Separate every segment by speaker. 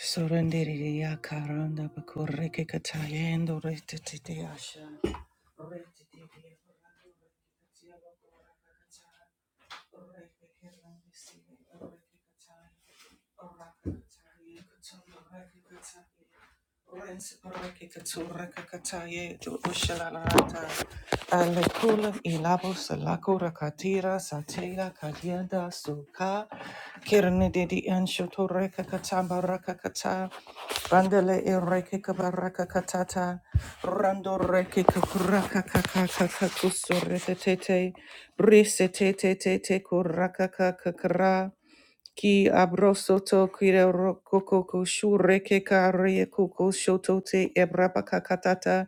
Speaker 1: Sorrendere ya karanda bakureke katayendo retete asha. Retete Alekula ilabo salako rakatira satela kadienda suka kirne dedi anshoto reka katamba raka kata bandele ireke kabaraka katata rando reke kakuraka kaka kaka kusurete tete brise tete tete kuraka kakakra Ki abrosoto kire rokoko shureke kare koko shoto te ebrapa kakatata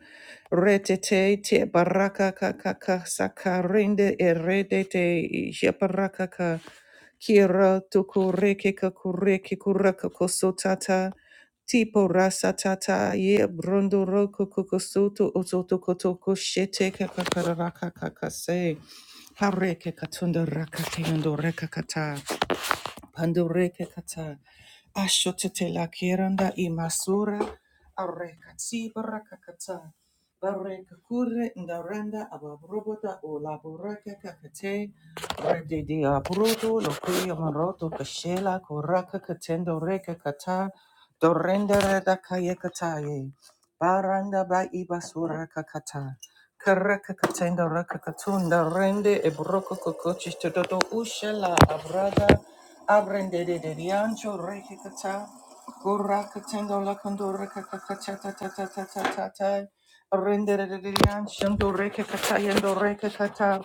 Speaker 1: retete te baraka kakaka sakarende eredete jeparaka ka kira tukureke kakureke kuraka kosotata tipo rasatata ye brondo roko kokosoto ototo kotoko shete kakakaraka kakase hareke katunda rakate ando rekakata Pandureke kata ashotete la kiranda imasura areka tibara kakata bareka kure ndaranda ababroboda o labureke kakate redidi abrodo lokuya maroto kashela kuraka katendo reka kata dorenda reda kaya kataye baranda ba ibasura kakata Karakakatenda rakakatunda rende ebroko kokochi todo ushela abrada abrende de de diancho rekikata gurakatendo lakando rekakakachata ta ta ta ta ta ta rende de de dianchando rekikata yendo rekikata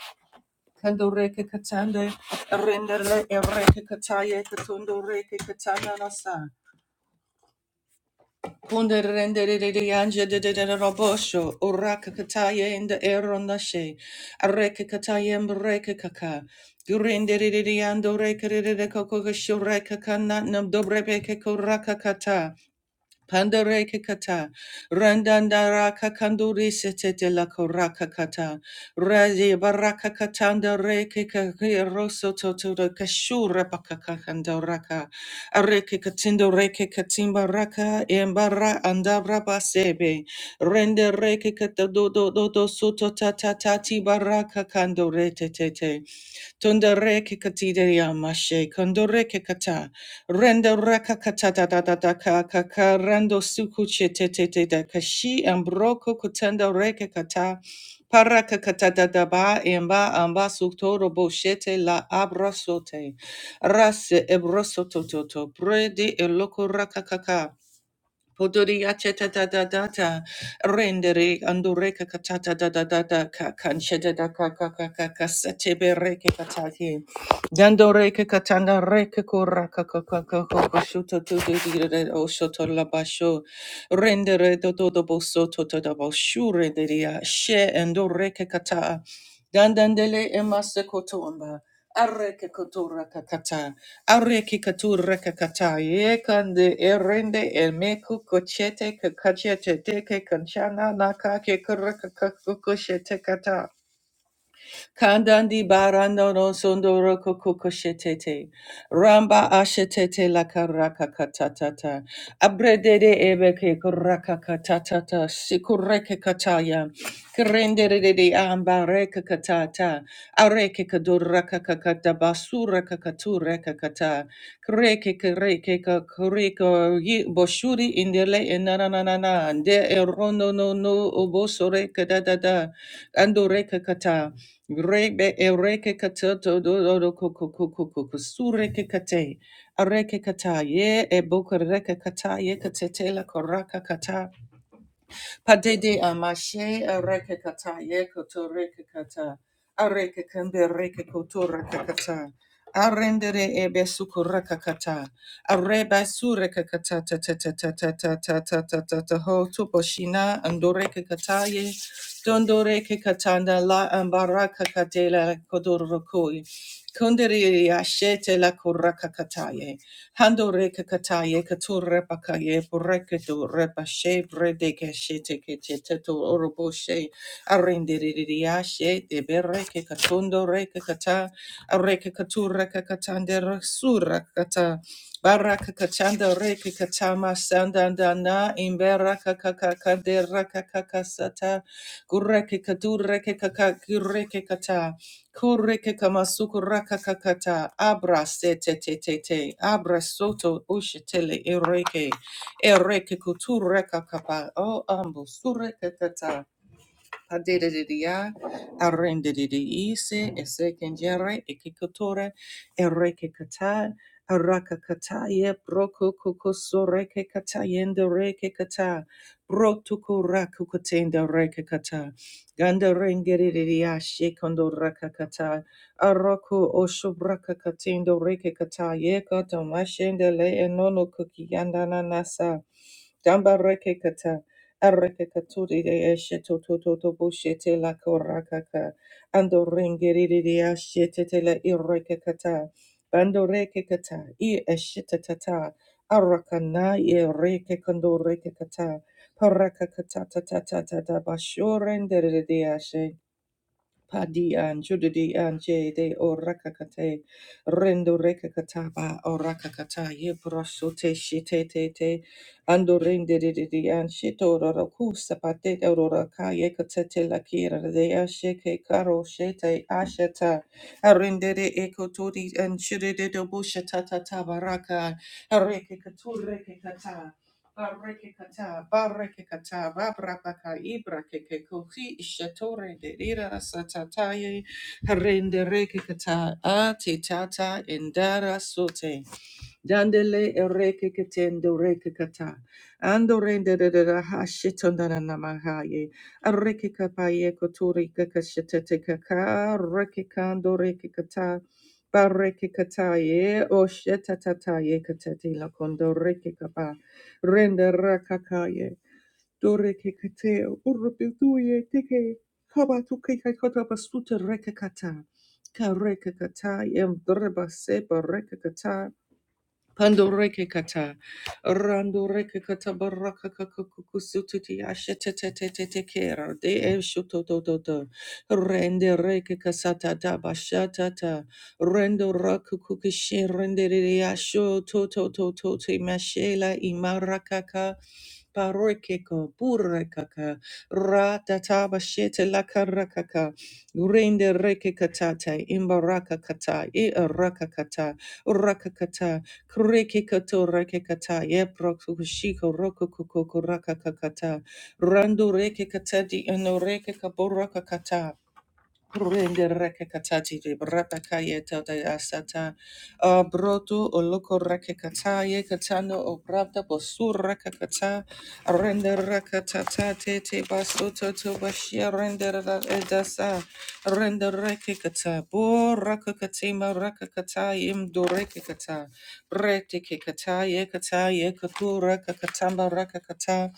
Speaker 1: kando rekikatande rende le rekikata yekatundo rekikata nanasa Ponderenderianjedederobosho, urakakataye in the eronashe, arekakataye mbrekakaka, gurinderiando rekerede kokokasho rekakana nam dobrebeke kurakakata. Pandare kakata, randandara kakanduri setete la koraka kata, raje baraka katanda re kakaki roso toto da kashura pakakakanda raka, areke katindo reke katimba raka, embara andabra basebe, rende reke katadodo do do soto tata tati baraka kando re Tundere ke katideya mashe, kondore ke kata, renda raka kata da da da da ka ka ka, rando suku te te te da kashi, ambroko kutenda reke kata, para kakata kata da da ba, emba amba suktoro boshete la abrasote, rase ebrosoto toto, prede eloko raka kaka. Podori acheta da da da da rendere andore kakata da da da da ka kancheta da ka ka ka ka ka satebe reke katati dando reke katanda reke kura ka ka ka ka ka ka shuto tu tu di re re, o shoto la basho rendere do do do bo soto to da bo shure de ria she ando reke kata dandandele emasse kotomba arreke kotora kakata Areki katura kakata ye kande erende el meku kochete kakachete teke kanchana nakake kata. Kandandi barando no sondoro kokoko shetete. Ramba ashetete la karaka katatata. Abredede ebeke karaka katatata. Sikureke kataya. Kerendere de amba reka katata. Areke kaduraka kakata basura kakatura kakata. Kreke kereke kakureko yi boshuri indele enananana. De erono no no obosore kadadada. Andoreka kata. Rebe ereke katoto do do do koko koko koko sureke kate areke kata ye e reke kata ye katetela koraka kata. Padede amashe areke kata ye koto reke kata. Areke kende reke koto reke kata. Arendere ebe suku reke kata. Areba su reke kata ta ta ta ta ta ta ta ta ta ta ta ho tupo shina andoreke kata ye. Dondoreke katanda la ambaraka kadela kodorokoi. Kondere yashete la kuraka kataye. Hando reka kataye katura pakaye bureka do repa she brede keshe teke te teto orobo she arende de bereke katundo reka kata areka katura kakatande rasura kata baraka kachanda reka katama sandandana imbera kakakakadera kakakasata gureke kadureke kakakireke kata Kureke kamasuku rakakakata abra se te te te te abra soto ushetele ereke ereke kutureka kapa o ambo surekakata Adedidiya, arendedidiise, esekengere, ekikotore, erekekata, arakakataye, brokokokosorekekatayende rekekata, brotukurakukotende rekekata, ganderengedidiya, shekondo rakakata, aroko oshobrakakatendo rekekata, yekatomashende le enono kukiyandananasa, Damba reke Arrekakaturi de eshetu tototo bushete la korakaka. Ando ringiri de ashete la irrekakata. Bando rekekata. I eshetatata. Arakana ye rekekando rekekata. Parakakata tata tata bashuren de ashe. Padi and Judidi and J de Orakakate Rendo Rekakataba Orakakata Yebrasute Shite Te Te Ando Rendididi and Shito Rakusa Pate Oraka Yekatete Lakira de Asheke Karo Shete Asheta Arendede Ekotodi and Shidede Bushata Tabaraka Rekikatureke Barekekata, barekekata, babrabaka, ibrakekekuhi, ishatore, derira, satataye, rende rekekata, atitata, indara, sote. Dandele ereke ketendo reke kata. Ando rende de de da ha shitonda na namahaye. Areke kapaye kotori kakashetete kaka. Reke kando reke kata. Bareke kataye. O shetatataye katete la kondo reke kapa. Rende rakakaye. Doreke kate. Urupiduye teke. Kaba tuke kakota basuta reke kata. Kareke kataye. Mdreba seba reke kata. Pandoreke kata, randoreke kata baraka kakukusutiti ashetetetetete kera de eshutotototo, rende reke kasata daba shatata, rendo rakukukishi rende riasho totototote mashela imarakaka, parokeko burekaka, ratataba shete lakarakaka, rende reke katata, imbarakakata, irakakata, rakakata, rakakata, Kurikikato rakikata yeprokushiko rokukukurakakakata. Randu rekikatadi ano rekikaborakakata. Rende reke katati de brata kaye tata asata. Uh, brotu oloko reke kataye katano obrata bosur reke kata. Rende reke tata tete basoto to bashia rende ra- edasa. Rende reke kata. Bo reke katima reke kataye imdo reke kata. Rete ke kataye kataye katu reke katamba reke kata.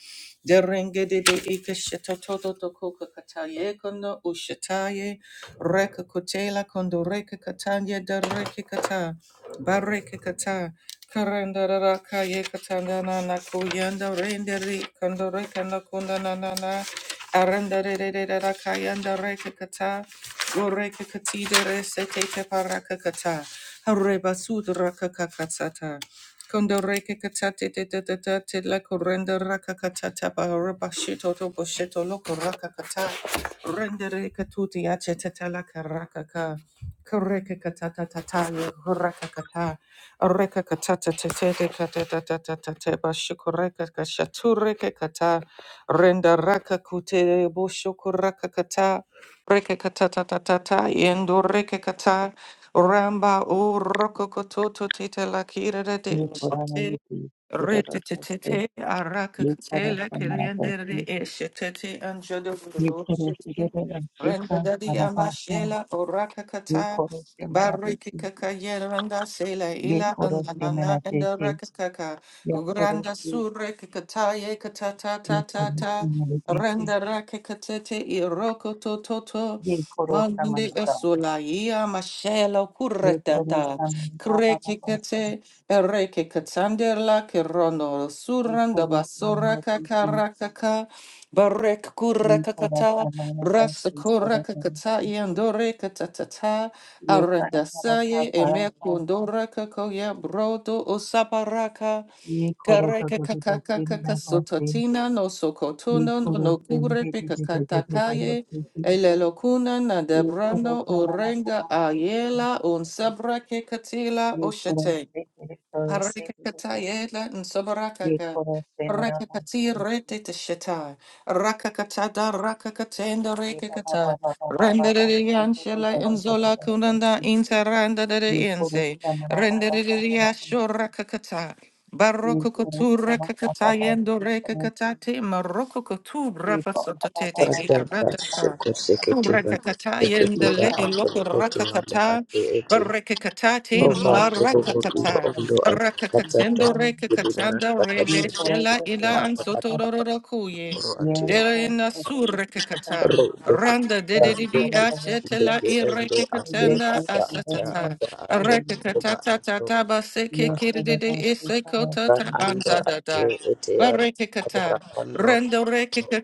Speaker 1: Derenge de de ikasheta toto toko kataye kono ushataye. Reka kutela kondo reka katanya da reka kata. Bareka kata. Karanda raka ye katanda na na kuyanda rende kondo reka na kunda na na na. Aranda re re re re raka yanda reka kata. Go reka katida re se te paraka kata. Hareba sud raka kakatata. Kondo reke katate te te te te te la korenda raka katata pa reba shito to bo shito loko raka kata. Rendere katuti ace tetela karakaka. Kareka katata tataya huraka kata. Areka katata tetete katata tatata teba shukureka kashatureke kata. Renda raka kute bushukuraka kata. Reke katata tatata yendo reke kata. Ramba u roko kototo tete la kira
Speaker 2: ये करो समझा
Speaker 1: de
Speaker 2: देखी ये
Speaker 1: Retetete
Speaker 2: करो
Speaker 1: arakakate la
Speaker 2: समझा देखी
Speaker 1: kiriandere eshetete anjodo
Speaker 2: ये करो
Speaker 1: budoshete.
Speaker 2: से मैंने देखी
Speaker 1: Renda dadi amashela
Speaker 2: ये
Speaker 1: orakakata.
Speaker 2: करो से मैंने
Speaker 1: Bariki
Speaker 2: देखी
Speaker 1: kaka kakayeranda sela
Speaker 2: ये
Speaker 1: ila
Speaker 2: करो से मना
Speaker 1: ananana
Speaker 2: देखे
Speaker 1: endarakakaka.
Speaker 2: या थोड़ा
Speaker 1: Ugranda
Speaker 2: से
Speaker 1: sure kakataye katata
Speaker 2: ये करो से
Speaker 1: tatata.
Speaker 2: मैंने देखी
Speaker 1: Renda rakakatete iroko tototo.
Speaker 2: ये करो
Speaker 1: Mandi
Speaker 2: समझा
Speaker 1: esula ia mashela
Speaker 2: ये करो
Speaker 1: kuratata.
Speaker 2: समझा पापा पापा
Speaker 1: Kreki
Speaker 2: सुन
Speaker 1: Ereke katanderla kerono
Speaker 2: ये
Speaker 1: suran da
Speaker 2: करो से
Speaker 1: basura
Speaker 2: मैंने देखी
Speaker 1: kakarakaka barek
Speaker 2: ये करो
Speaker 1: kurakakata
Speaker 2: समझा देखी करो
Speaker 1: rasa
Speaker 2: से थोड़ा थोड़ा
Speaker 1: kurakakata
Speaker 2: से
Speaker 1: yandore katatata
Speaker 2: ये सारा सारा
Speaker 1: arandasaye
Speaker 2: सारा सारा
Speaker 1: emekundora kakoya brodo usabaraka
Speaker 2: ये करो तो
Speaker 1: Kareka
Speaker 2: तो तो
Speaker 1: kakaka
Speaker 2: तेरी
Speaker 1: kaka
Speaker 2: मैं पास थे
Speaker 1: sototina no
Speaker 2: ये
Speaker 1: sokotuno no
Speaker 2: करो
Speaker 1: no
Speaker 2: से
Speaker 1: kure
Speaker 2: मुझे दे
Speaker 1: pika
Speaker 2: दे दे दे दे
Speaker 1: katakaye
Speaker 2: दे दे दे
Speaker 1: elelokuna na
Speaker 2: ये करो
Speaker 1: debrano
Speaker 2: से मना
Speaker 1: orenga
Speaker 2: हवा से दे दे
Speaker 1: ayela
Speaker 2: दे
Speaker 1: un
Speaker 2: दे
Speaker 1: sabra ke katila
Speaker 2: ये करो
Speaker 1: oshete.
Speaker 2: से मेरे करो से दे दे दे
Speaker 1: Parikakatayela and
Speaker 2: ये
Speaker 1: Sobarakaka.
Speaker 2: करो से मेरा हम
Speaker 1: Rakakati
Speaker 2: से
Speaker 1: rete te sheta. Rakakatada rakakatenda
Speaker 2: ये पापा
Speaker 1: rekakata.
Speaker 2: पापा पापा पापा
Speaker 1: Rendere
Speaker 2: से तो तो
Speaker 1: yanshela
Speaker 2: तो
Speaker 1: and
Speaker 2: तो तो तो
Speaker 1: zola
Speaker 2: तो
Speaker 1: kunanda
Speaker 2: तो।
Speaker 1: interanda
Speaker 2: ये
Speaker 1: de
Speaker 2: करो
Speaker 1: ense.
Speaker 2: से मना पापा
Speaker 1: Rendere
Speaker 2: पापा से
Speaker 1: yasho rakakata.
Speaker 2: ये
Speaker 1: Baroko
Speaker 2: करो से
Speaker 1: kotura
Speaker 2: मना पापा
Speaker 1: kakata
Speaker 2: पापा
Speaker 1: yendo
Speaker 2: से करो
Speaker 1: rekakata te maroko kotura
Speaker 2: ये पापा पापा
Speaker 1: pasotete te
Speaker 3: Sata
Speaker 2: पापा पापा पापा
Speaker 3: basho
Speaker 1: ratata.
Speaker 2: से।
Speaker 3: kusikiti
Speaker 1: Rakakata
Speaker 3: bakusikiti
Speaker 2: ये
Speaker 3: ba
Speaker 1: yendele
Speaker 2: करो
Speaker 3: ato
Speaker 2: से
Speaker 1: eloko
Speaker 3: koto anda
Speaker 1: rakakata.
Speaker 3: ate ete
Speaker 1: Barakakata te
Speaker 2: ये
Speaker 3: roba
Speaker 2: करो से
Speaker 3: tebo
Speaker 2: मना पापा
Speaker 3: ndo
Speaker 1: marakakata.
Speaker 2: से
Speaker 3: ondo
Speaker 2: दे
Speaker 3: akata
Speaker 2: दे
Speaker 3: ta
Speaker 1: Rakakatendo
Speaker 2: दे
Speaker 3: kidi na
Speaker 1: rekakatanda
Speaker 3: rasta
Speaker 2: ये
Speaker 1: rebe
Speaker 3: kasho
Speaker 2: थोड़ा
Speaker 3: kusikiti
Speaker 1: shela
Speaker 2: सा तो
Speaker 1: ila
Speaker 2: ऐसा था
Speaker 1: ansotororo kuye.
Speaker 3: akoro
Speaker 2: ये
Speaker 3: ate ya
Speaker 1: Dere
Speaker 2: था
Speaker 1: ina
Speaker 2: तो तो मुझे पता
Speaker 1: surekakata.
Speaker 2: नहीं
Speaker 3: robo
Speaker 1: Randa
Speaker 3: kusikita
Speaker 2: मैं
Speaker 1: dededi
Speaker 2: थोड़ा
Speaker 3: kuki
Speaker 2: सा है तो
Speaker 1: ashetela
Speaker 3: ndeke ende ate
Speaker 2: ये
Speaker 1: irekakatanda
Speaker 2: है
Speaker 3: ata
Speaker 2: इधर
Speaker 3: ata
Speaker 2: उधर
Speaker 1: asatata.
Speaker 3: ata ato
Speaker 2: इधर उधर,
Speaker 3: roba
Speaker 1: Rekakatata
Speaker 3: ato
Speaker 1: tataba seke
Speaker 2: ये से
Speaker 1: kirdede
Speaker 2: लगा कैसा है
Speaker 1: isekota
Speaker 3: ata
Speaker 1: ta
Speaker 2: संबंध
Speaker 3: anda ate
Speaker 1: anzadada.
Speaker 3: ete ya abara
Speaker 1: Barekakata.
Speaker 3: kondo
Speaker 1: Rendo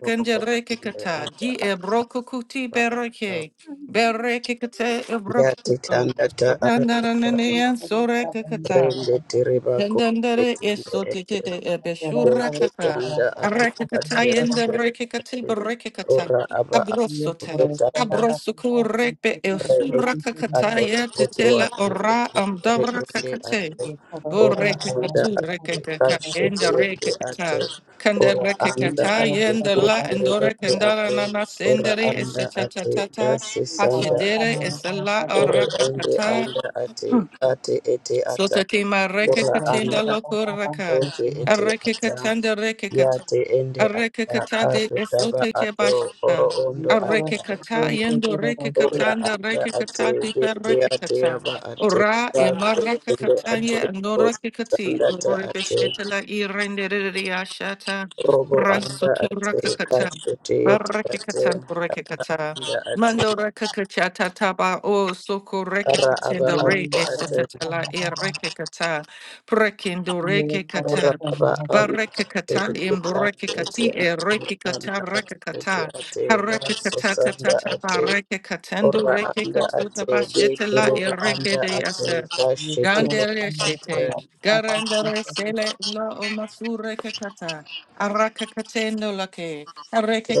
Speaker 3: robo kusikiti
Speaker 1: rekakata.
Speaker 3: anda
Speaker 1: Di ebrokukuti
Speaker 3: ata ata
Speaker 1: bereke. Berekakate
Speaker 3: ya
Speaker 1: ebrokukuto.
Speaker 3: titanda ta Ara
Speaker 1: Randa ranene
Speaker 2: ये थोड़ी सा बनी
Speaker 1: ansorekakata.
Speaker 2: का
Speaker 3: Rende
Speaker 2: पापा का
Speaker 3: tereba ko
Speaker 1: Tendendere
Speaker 3: etende
Speaker 1: eso
Speaker 3: ete
Speaker 1: titete
Speaker 2: या तेरा
Speaker 3: do
Speaker 1: ebeshura
Speaker 2: सारे से
Speaker 1: kaka.
Speaker 2: सारा
Speaker 3: ketanda
Speaker 2: पापा
Speaker 3: ate
Speaker 2: का
Speaker 1: Arekikata
Speaker 2: संबंध
Speaker 3: ate
Speaker 2: तेरे
Speaker 1: yende
Speaker 3: ate
Speaker 2: है
Speaker 1: rekikati
Speaker 3: ate
Speaker 1: berekikata.
Speaker 3: ora aba
Speaker 2: ये
Speaker 1: Abrosota.
Speaker 2: थोड़े सा
Speaker 3: ketanda
Speaker 2: बंदा के
Speaker 1: Abrosoku
Speaker 2: पास के
Speaker 1: rekbe
Speaker 2: मेरे
Speaker 3: re
Speaker 2: से
Speaker 1: elsura
Speaker 3: ete
Speaker 2: सीधे निकल
Speaker 1: kakata
Speaker 3: ato
Speaker 1: ye
Speaker 3: oto
Speaker 1: titela
Speaker 3: ate
Speaker 1: ora amdara
Speaker 3: ete re ende
Speaker 1: kakate.
Speaker 3: ato
Speaker 2: ये थोड़ा सा
Speaker 3: ora
Speaker 2: मन का
Speaker 3: anda
Speaker 1: Borekikatu
Speaker 2: ये
Speaker 3: ate
Speaker 2: थोड़ा सा
Speaker 1: rekikaka
Speaker 2: तो
Speaker 3: kase te
Speaker 1: yende
Speaker 3: ete ato
Speaker 1: rekikata. Kanda
Speaker 3: ora
Speaker 2: ये
Speaker 3: anda
Speaker 1: rekikata
Speaker 2: थोड़ा
Speaker 3: ate
Speaker 2: सा
Speaker 1: yende la
Speaker 2: पापा
Speaker 3: ete
Speaker 2: का
Speaker 3: re
Speaker 1: endore
Speaker 3: ende
Speaker 2: संबंध
Speaker 1: kendara
Speaker 3: ato
Speaker 1: nana
Speaker 3: ora
Speaker 1: sendere
Speaker 3: anda ate
Speaker 1: esetatata.
Speaker 3: kase
Speaker 2: ये
Speaker 3: sanda
Speaker 2: थोड़ा सा
Speaker 1: Atyedere
Speaker 3: ato
Speaker 2: मन
Speaker 1: esela
Speaker 2: का
Speaker 3: ora ende
Speaker 1: arakakata.
Speaker 3: anda ate kate ete ata
Speaker 1: Sotatima
Speaker 2: ये
Speaker 1: reke
Speaker 2: थोड़ा सा
Speaker 1: katinda
Speaker 3: ora
Speaker 2: बड़ा बड़ा
Speaker 1: lokuraka.
Speaker 2: से
Speaker 3: oti
Speaker 2: से
Speaker 3: ete
Speaker 1: Areke
Speaker 3: ata
Speaker 1: katanda reke
Speaker 3: ya
Speaker 1: katanda.
Speaker 3: te ende ata
Speaker 1: Arekekata de
Speaker 3: ato taba
Speaker 1: esote ke
Speaker 3: ato oro
Speaker 1: bashata.
Speaker 2: ये
Speaker 3: ondo
Speaker 2: थोड़ा
Speaker 3: ata
Speaker 2: से
Speaker 3: ate
Speaker 1: Arekekata
Speaker 2: बड़े
Speaker 1: yendo
Speaker 2: बड़े बड़े से
Speaker 3: ora
Speaker 1: rekekatanda
Speaker 3: ata ate
Speaker 1: rekekata de
Speaker 3: ete ate
Speaker 1: perekekata.
Speaker 3: aba ate
Speaker 1: Ora
Speaker 3: Bako ende
Speaker 1: emarekekata
Speaker 3: ate
Speaker 1: ye
Speaker 3: osi
Speaker 1: anorekekati.
Speaker 3: sandata ate
Speaker 1: Orebeshetela irendereriashata.
Speaker 3: robo anda ate
Speaker 1: Rasotorakakata.
Speaker 3: kaso te ete ate
Speaker 1: Barekekata rekekata.
Speaker 3: anda ate
Speaker 1: Mando rekekata taba o soko
Speaker 3: ara aba
Speaker 1: rekekatenda re
Speaker 2: ये
Speaker 3: ato ate
Speaker 2: थोड़ा सा
Speaker 1: eshetetela
Speaker 2: बड़ा बड़ा
Speaker 1: irekekata. Prekendo
Speaker 2: ये थोड़ा
Speaker 1: rekekata.
Speaker 3: ora
Speaker 2: सा
Speaker 3: aba
Speaker 2: बड़ा बड़ा
Speaker 3: anda
Speaker 1: Barekakata
Speaker 3: ate ete
Speaker 1: in
Speaker 3: ate ete
Speaker 1: Borekikati,
Speaker 3: ate anda
Speaker 1: Erekikata,
Speaker 3: ate ete
Speaker 1: Rekakata,
Speaker 3: ate baso
Speaker 1: Harekakata,
Speaker 3: sanda
Speaker 1: Tata,
Speaker 3: ate
Speaker 1: Barekakatando,
Speaker 3: Ora anda
Speaker 1: Rekakatuta,
Speaker 3: ate de
Speaker 1: Bashetela,
Speaker 3: kerera anda
Speaker 1: Ereke de
Speaker 3: ate
Speaker 1: Yasa,
Speaker 2: ये
Speaker 3: kashete
Speaker 2: थोड़ा सा
Speaker 1: Gandere
Speaker 2: बड़ा
Speaker 1: Shete,
Speaker 3: ate
Speaker 2: बड़ा बड़ा से
Speaker 1: Garandere
Speaker 2: से
Speaker 1: Sele, La Omasure Kakata, Arakakatendo Lake,